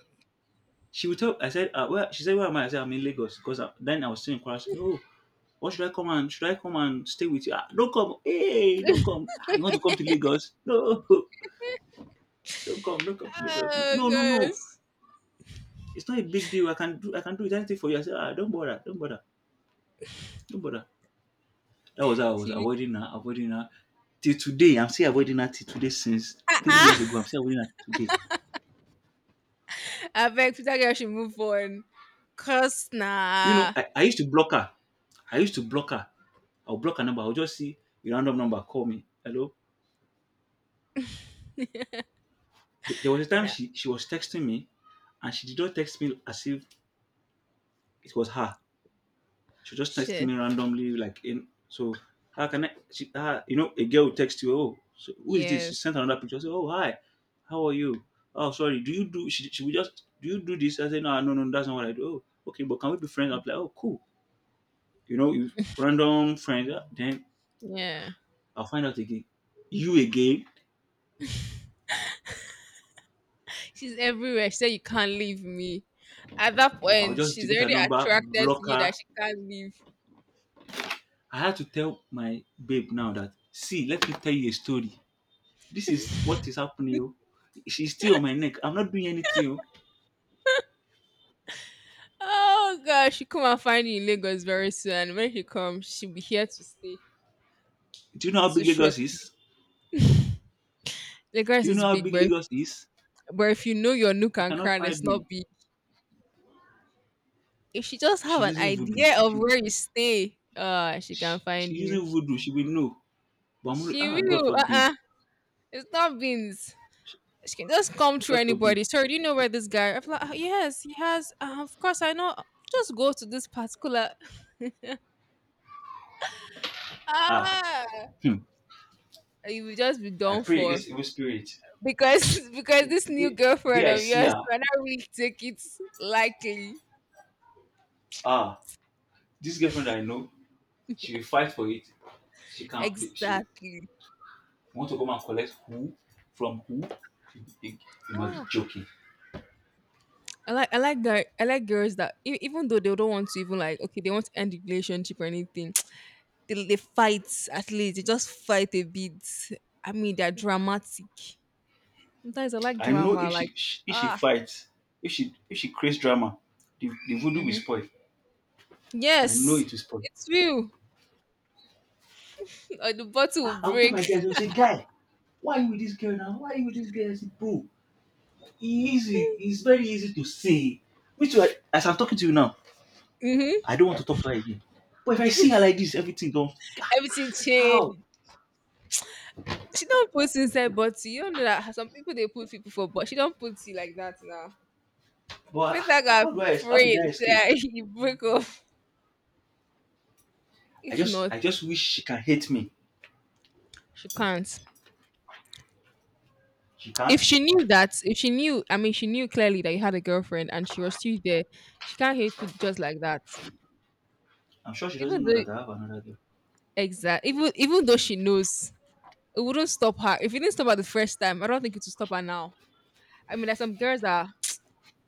Speaker 2: She would tell I said, where she said, where am I? I said, I'm in Lagos because I, then I was still in Kwara. She said, oh, what should I come and should I come and stay with you? Ah, don't come. Hey, don't come. Ah, you want to come to Lagos? No, don't come to Lagos. No,
Speaker 1: Oh
Speaker 2: no, no. No.
Speaker 1: gosh.
Speaker 2: It's not a big deal. I can do it anything for you. I said, ah, don't bother, don't bother, don't bother. That was how I was
Speaker 1: She
Speaker 2: avoiding her, avoiding her. Till today, I'm still avoiding her till today since 3 years ago. I'm still avoiding her till today.
Speaker 1: I beg Peter girl should move on. Cause
Speaker 2: You know,
Speaker 1: nah.
Speaker 2: I used to block her. I used to block her. I'll block her number. I'll just see a random number call me. Hello. There was a time
Speaker 1: Nah.
Speaker 2: she was texting me and she did not text me as if it was her. She just texting
Speaker 1: Shit.
Speaker 2: me randomly, like in so how can I she ah you know, a girl will text you, oh, so who is this? She
Speaker 1: Yes.
Speaker 2: sent another picture. I say, oh hi, how are you? Oh sorry, do you do she will just do you do this? I say, no, no, no, that's not what I do. Oh, okay, but can we be friends? I'm like, oh cool. You know, you random friends, ah, then
Speaker 1: Yeah.
Speaker 2: I'll find out again. You again,
Speaker 1: She's everywhere. She said you can't leave me. At that
Speaker 2: I'll
Speaker 1: point,
Speaker 2: just
Speaker 1: she's
Speaker 2: delete her
Speaker 1: already
Speaker 2: number,
Speaker 1: attracted
Speaker 2: block
Speaker 1: to you
Speaker 2: her.
Speaker 1: that she can't leave.
Speaker 2: I had to tell my babe now that see, let me tell you a story. This is what is happening. Oh. She's still on my neck. I'm not doing anything. Oh.
Speaker 1: Oh gosh, she come and find you in Lagos very soon. And when she comes, she'll be here to stay.
Speaker 2: Do you know how
Speaker 1: So
Speaker 2: big
Speaker 1: sure.
Speaker 2: Lagos is? Do
Speaker 1: Lagos
Speaker 2: you
Speaker 1: is
Speaker 2: know how
Speaker 1: big,
Speaker 2: big
Speaker 1: but if,
Speaker 2: Lagos is?
Speaker 1: but if you know your nook
Speaker 2: You
Speaker 1: and
Speaker 2: cannot
Speaker 1: crown,
Speaker 2: find
Speaker 1: it's
Speaker 2: me.
Speaker 1: not big. If she just have
Speaker 2: She's
Speaker 1: an
Speaker 2: using voodoo.
Speaker 1: idea of where you stay, she can find
Speaker 2: She's
Speaker 1: you.
Speaker 2: using voodoo. She will know. But I'm already,
Speaker 1: She
Speaker 2: ah, God
Speaker 1: will.
Speaker 2: forbid.
Speaker 1: Uh. It's not beans. She can just come through
Speaker 2: God forbid.
Speaker 1: anybody. Sorry, do you know where this guy? I'm like, "Ah, yes, he has. Of course, I know. Just go to this particular.
Speaker 2: Ah,
Speaker 1: Ah,
Speaker 2: hmm.
Speaker 1: you will just be
Speaker 2: I
Speaker 1: done
Speaker 2: pray
Speaker 1: for
Speaker 2: against evil spirit.
Speaker 1: because because
Speaker 2: The
Speaker 1: this new
Speaker 2: day, the
Speaker 1: girlfriend
Speaker 2: day I
Speaker 1: of
Speaker 2: see
Speaker 1: yours
Speaker 2: her,
Speaker 1: might not really take it likely.
Speaker 2: ah, this girlfriend I know, she will fight for it. She can't. She
Speaker 1: Exactly.
Speaker 2: want to come and collect who from who? You must be
Speaker 1: Ah,
Speaker 2: joking.
Speaker 1: I like girls that even though they don't want to, even like, okay, they want to end the relationship or anything, they fight, at least they just fight a bit. I mean, they're dramatic. Sometimes I like
Speaker 2: I know
Speaker 1: drama,
Speaker 2: if
Speaker 1: like,
Speaker 2: she If she
Speaker 1: ah,
Speaker 2: fights, if she creates drama, the voodoo will
Speaker 1: hmm,
Speaker 2: spoil. I know
Speaker 1: yes,
Speaker 2: it is possible.
Speaker 1: it's you. Or the bottle will
Speaker 2: I'll tell
Speaker 1: break.
Speaker 2: my guys, I'll say, guy, why are you with this girl now? Why are you with this girl? I say, bro, e easy. It's very easy to say. Me too, I, as I'm talking to you now,
Speaker 1: Hmm.
Speaker 2: I don't want to talk to her again. But if I see her like this, everything don't.
Speaker 1: Everything
Speaker 2: How?
Speaker 1: change. She don't put inside bottle. You don't know that some people they put people for, but she don't put you like that now.
Speaker 2: But
Speaker 1: People are gonna
Speaker 2: how do I? How did
Speaker 1: pray
Speaker 2: I escape?
Speaker 1: say you break off. If not,
Speaker 2: I just wish she can hate me.
Speaker 1: she can't.
Speaker 2: She can't.
Speaker 1: If she knew that, if she knew, I mean, she knew clearly that you had a girlfriend and she was still there. She can't hate you just like that.
Speaker 2: I'm sure she doesn't
Speaker 1: Even
Speaker 2: know
Speaker 1: though
Speaker 2: that I have another girl.
Speaker 1: exact, even though she knows, it wouldn't stop her. If it didn't stop her the first time, I don't think it will stop her now. I mean, there's some girls that,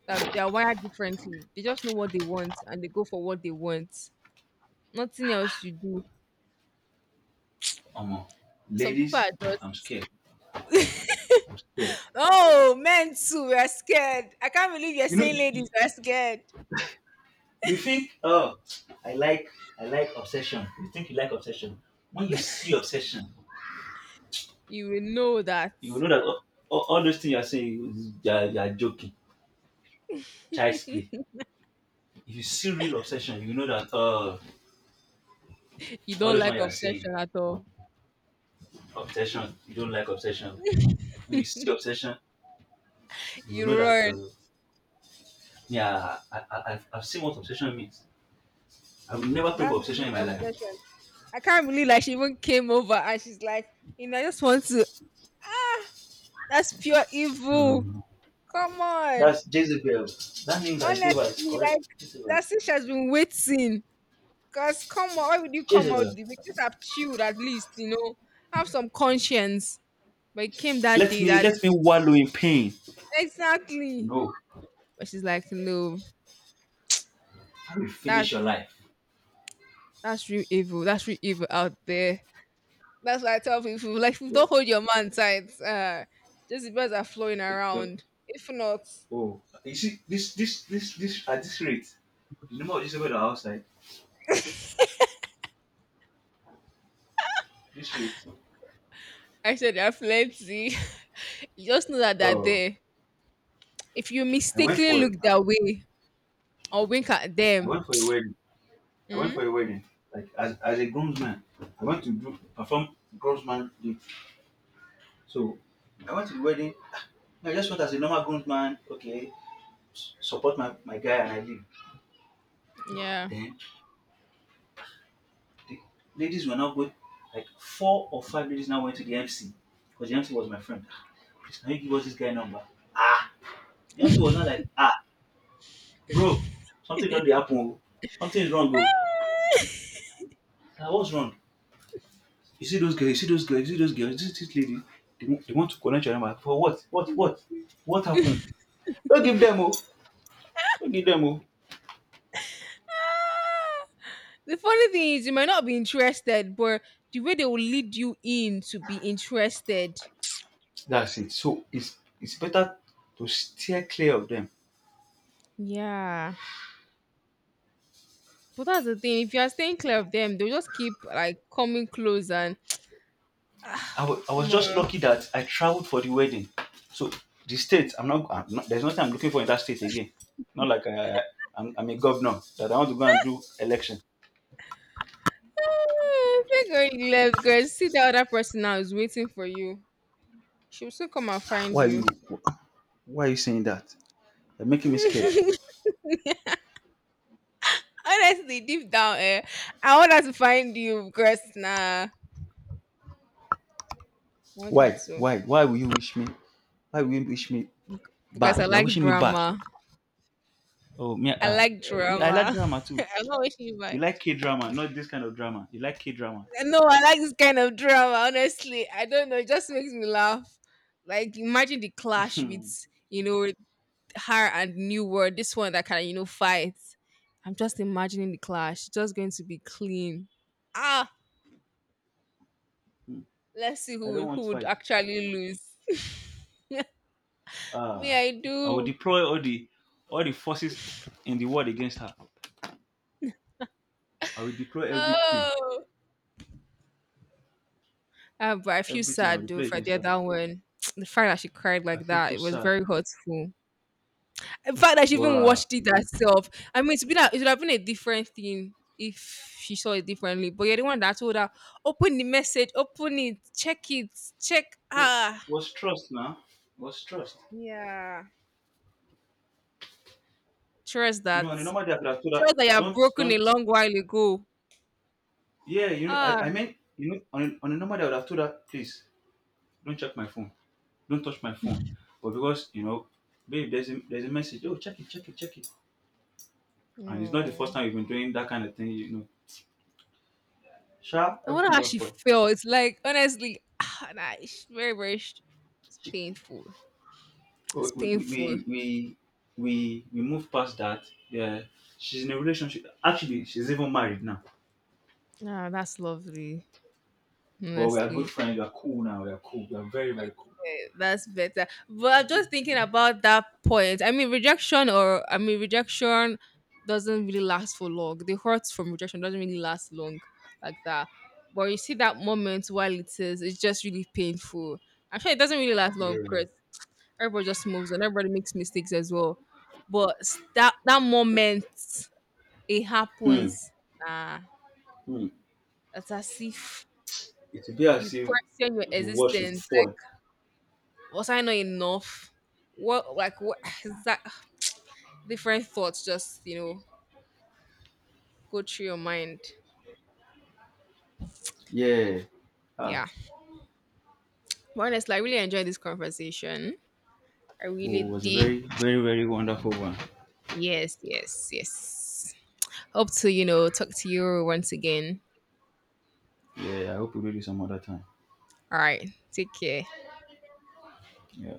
Speaker 1: that they are wired differently. They just know what they want and they go for what they want. Nothing else you do.
Speaker 2: Um,
Speaker 1: Some people
Speaker 2: Ladies,
Speaker 1: are
Speaker 2: I'm
Speaker 1: just
Speaker 2: scared. Yeah.
Speaker 1: oh, men too, we're scared. I can't believe you're
Speaker 2: You know,
Speaker 1: saying ladies
Speaker 2: you
Speaker 1: we're scared.
Speaker 2: you think, oh, I like I like obsession. You think you like obsession. When you see obsession,
Speaker 1: You will know that
Speaker 2: you will know that all those things you are saying is- you are joking. Child's play. If you see real obsession, you know that
Speaker 1: you
Speaker 2: all
Speaker 1: don't
Speaker 2: those ones
Speaker 1: like
Speaker 2: you are saying,
Speaker 1: obsession at all.
Speaker 2: obsession, you don't like obsession. When you see obsession, you will know
Speaker 1: You
Speaker 2: that
Speaker 1: run.
Speaker 2: yeah, I've seen what obsession means. I will never pray for
Speaker 1: That's
Speaker 2: obsession in
Speaker 1: really
Speaker 2: my life.
Speaker 1: obsession. I can't believe like she even came over and she's like, you know, I just want to. That's pure
Speaker 2: No, no,
Speaker 1: evil.
Speaker 2: no.
Speaker 1: Come on.
Speaker 2: That's Jezebel. That means I gave her is
Speaker 1: Honestly, like
Speaker 2: correct. Jezebel.
Speaker 1: that since she has been waiting. Cause come on, why would you come out
Speaker 2: Jezebel.
Speaker 1: the week? Just have chilled, at least, you know, have some conscience. But it came that day, that
Speaker 2: Let me
Speaker 1: day.
Speaker 2: wallow in pain.
Speaker 1: Exactly.
Speaker 2: No,
Speaker 1: But she's like, no,
Speaker 2: I will finish your
Speaker 1: that's
Speaker 2: life.
Speaker 1: that's real evil. That's real evil out there. That's why I tell people, like, if you don't
Speaker 2: So,
Speaker 1: hold your man tight, just the birds are flowing
Speaker 2: the- the-
Speaker 1: around. If not,
Speaker 2: oh, you see, this, at this rate, the number of disabled that are outside. This rate.
Speaker 1: I said they're plenty. You just know that they're
Speaker 2: Oh,
Speaker 1: there. If you mistakenly look
Speaker 2: I
Speaker 1: that way or wink at
Speaker 2: went
Speaker 1: them,
Speaker 2: for a wedding. I went for a wedding. Like as a groomsman, I went to do, perform groomsman duty. So I went to the wedding. Ah, I just went as a normal groomsman. Okay, support my, my guy and I leave.
Speaker 1: yeah.
Speaker 2: Then the ladies were now going, like 4 or 5 ladies now went to the MC because the MC was my friend. "Ah, please, can you give us this guy number? Ah, the MC was not like, ah, bro, something don't dey happen. Oh. Something is wrong, bro. Now, what's wrong? You see those girls, you see those girls, you see those girls, this lady, they want to connect your number. For what? What? What? What happened? Don't give them, oh. Don't give them, oh.
Speaker 1: Ah! The funny thing is, you might not be interested, but the way they will lead you in to be interested.
Speaker 2: That's it. So it's better to steer clear of them.
Speaker 1: Yeah. But that's the thing. If you are staying clear of them, they'll just keep like coming close and ah,
Speaker 2: I was just
Speaker 1: more.
Speaker 2: lucky that I traveled for the wedding. So the state, I'm not- there's nothing I'm looking for in that state again. Not like I- I'm a governor that I want to go and do election.
Speaker 1: Ah, thank God you left, girl. See, the other person now is waiting for you. She'll still come and find
Speaker 2: Why are you,
Speaker 1: you.
Speaker 2: why are you saying that? You're making me scared.
Speaker 1: Honestly, deep down, eh, I want her to find you, because nah, I want her to,
Speaker 2: Why will you wish me? Why will you wish me
Speaker 1: because I
Speaker 2: bad? You're
Speaker 1: like
Speaker 2: wishing me bad.
Speaker 1: drama.
Speaker 2: Oh, me,
Speaker 1: I like
Speaker 2: me, I like
Speaker 1: drama.
Speaker 2: drama too.
Speaker 1: I'm not wishing you
Speaker 2: You
Speaker 1: bad.
Speaker 2: like K drama, not this kind of drama. You like K drama.
Speaker 1: No, I like this kind of drama. Honestly, I don't know. It just makes me laugh. Like, imagine the clash
Speaker 2: I
Speaker 1: with, you know, with her and New World. This one that kind of, you know, fight. I'm just imagining the clash. It's just going to be clean. Ah, let's see who
Speaker 2: don't
Speaker 1: will- who
Speaker 2: want
Speaker 1: would
Speaker 2: fight.
Speaker 1: actually lose.
Speaker 2: Uh,
Speaker 1: Me, I
Speaker 2: I will
Speaker 1: do.
Speaker 2: deploy all the forces in the world against her. I will deploy everything.
Speaker 1: Oh, ah, but I feel
Speaker 2: Everything I will
Speaker 1: sad though
Speaker 2: deploy
Speaker 1: for the
Speaker 2: against her.
Speaker 1: other one. The fact that she cried
Speaker 2: I
Speaker 1: like
Speaker 2: feel
Speaker 1: that,
Speaker 2: so
Speaker 1: it was
Speaker 2: sad.
Speaker 1: very hurtful. In fact that she even
Speaker 2: Wow.
Speaker 1: watched it herself. I mean, it's been a, it would have been a different thing if she saw it differently. But you're the one that told her, open the message, open it, check it, check.
Speaker 2: No,
Speaker 1: Ah,
Speaker 2: was trust now. Was trust.
Speaker 1: yeah. Trust
Speaker 2: You
Speaker 1: that.
Speaker 2: know, on a normal day I could have told her,
Speaker 1: Trust that you have
Speaker 2: don't,
Speaker 1: broken a
Speaker 2: don't.
Speaker 1: long while ago.
Speaker 2: Yeah, you know,
Speaker 1: Ah,
Speaker 2: I mean, you know, on a normal day I would have told her, please, don't check my phone. Don't touch my phone. But because, you know, babe, there's a message. Oh, check it, check it, check it. And it's not the first
Speaker 1: mm.
Speaker 2: time we've been doing that kind of thing, you know. Sharp,
Speaker 1: I wonder
Speaker 2: everything
Speaker 1: how
Speaker 2: does
Speaker 1: she
Speaker 2: spoil.
Speaker 1: felt. It's like honestly, ah, nah, it's very very sh- it's painful.
Speaker 2: we
Speaker 1: It's
Speaker 2: we
Speaker 1: painful.
Speaker 2: we we we move past that. Yeah, she's in a relationship. Actually, she's even married now.
Speaker 1: Ah, that's lovely.
Speaker 2: But we are good
Speaker 1: Honestly,
Speaker 2: friends. We are cool now. We are cool. We are very very cool.
Speaker 1: okay, that's better. But I'm just thinking about that point. I mean, rejection or I mean, rejection doesn't really last for long. The hurt from rejection doesn't really last long like that. But you see that moment while it is, it's just really painful. Actually, it doesn't really last long
Speaker 2: Yeah.
Speaker 1: because everybody just moves on. Everybody makes mistakes as well. But that that moment it
Speaker 2: Hmm.
Speaker 1: happens. Ah,
Speaker 2: Hmm.
Speaker 1: it's as if
Speaker 2: It will be
Speaker 1: you
Speaker 2: as if
Speaker 1: question your
Speaker 2: the world should
Speaker 1: existence.
Speaker 2: fall.
Speaker 1: Like, was I not enough? What like what is that different thoughts just, you know, go through your mind.
Speaker 2: Yeah. Ah.
Speaker 1: Yeah. But honestly, I really enjoyed this conversation. I really
Speaker 2: Oh, it was a
Speaker 1: did.
Speaker 2: very very very wonderful one.
Speaker 1: Yes, yes, yes. Hope to, you know, talk to you once again.
Speaker 2: Yeah. I hope we do this some other time.
Speaker 1: All right. Take care.
Speaker 2: Yeah.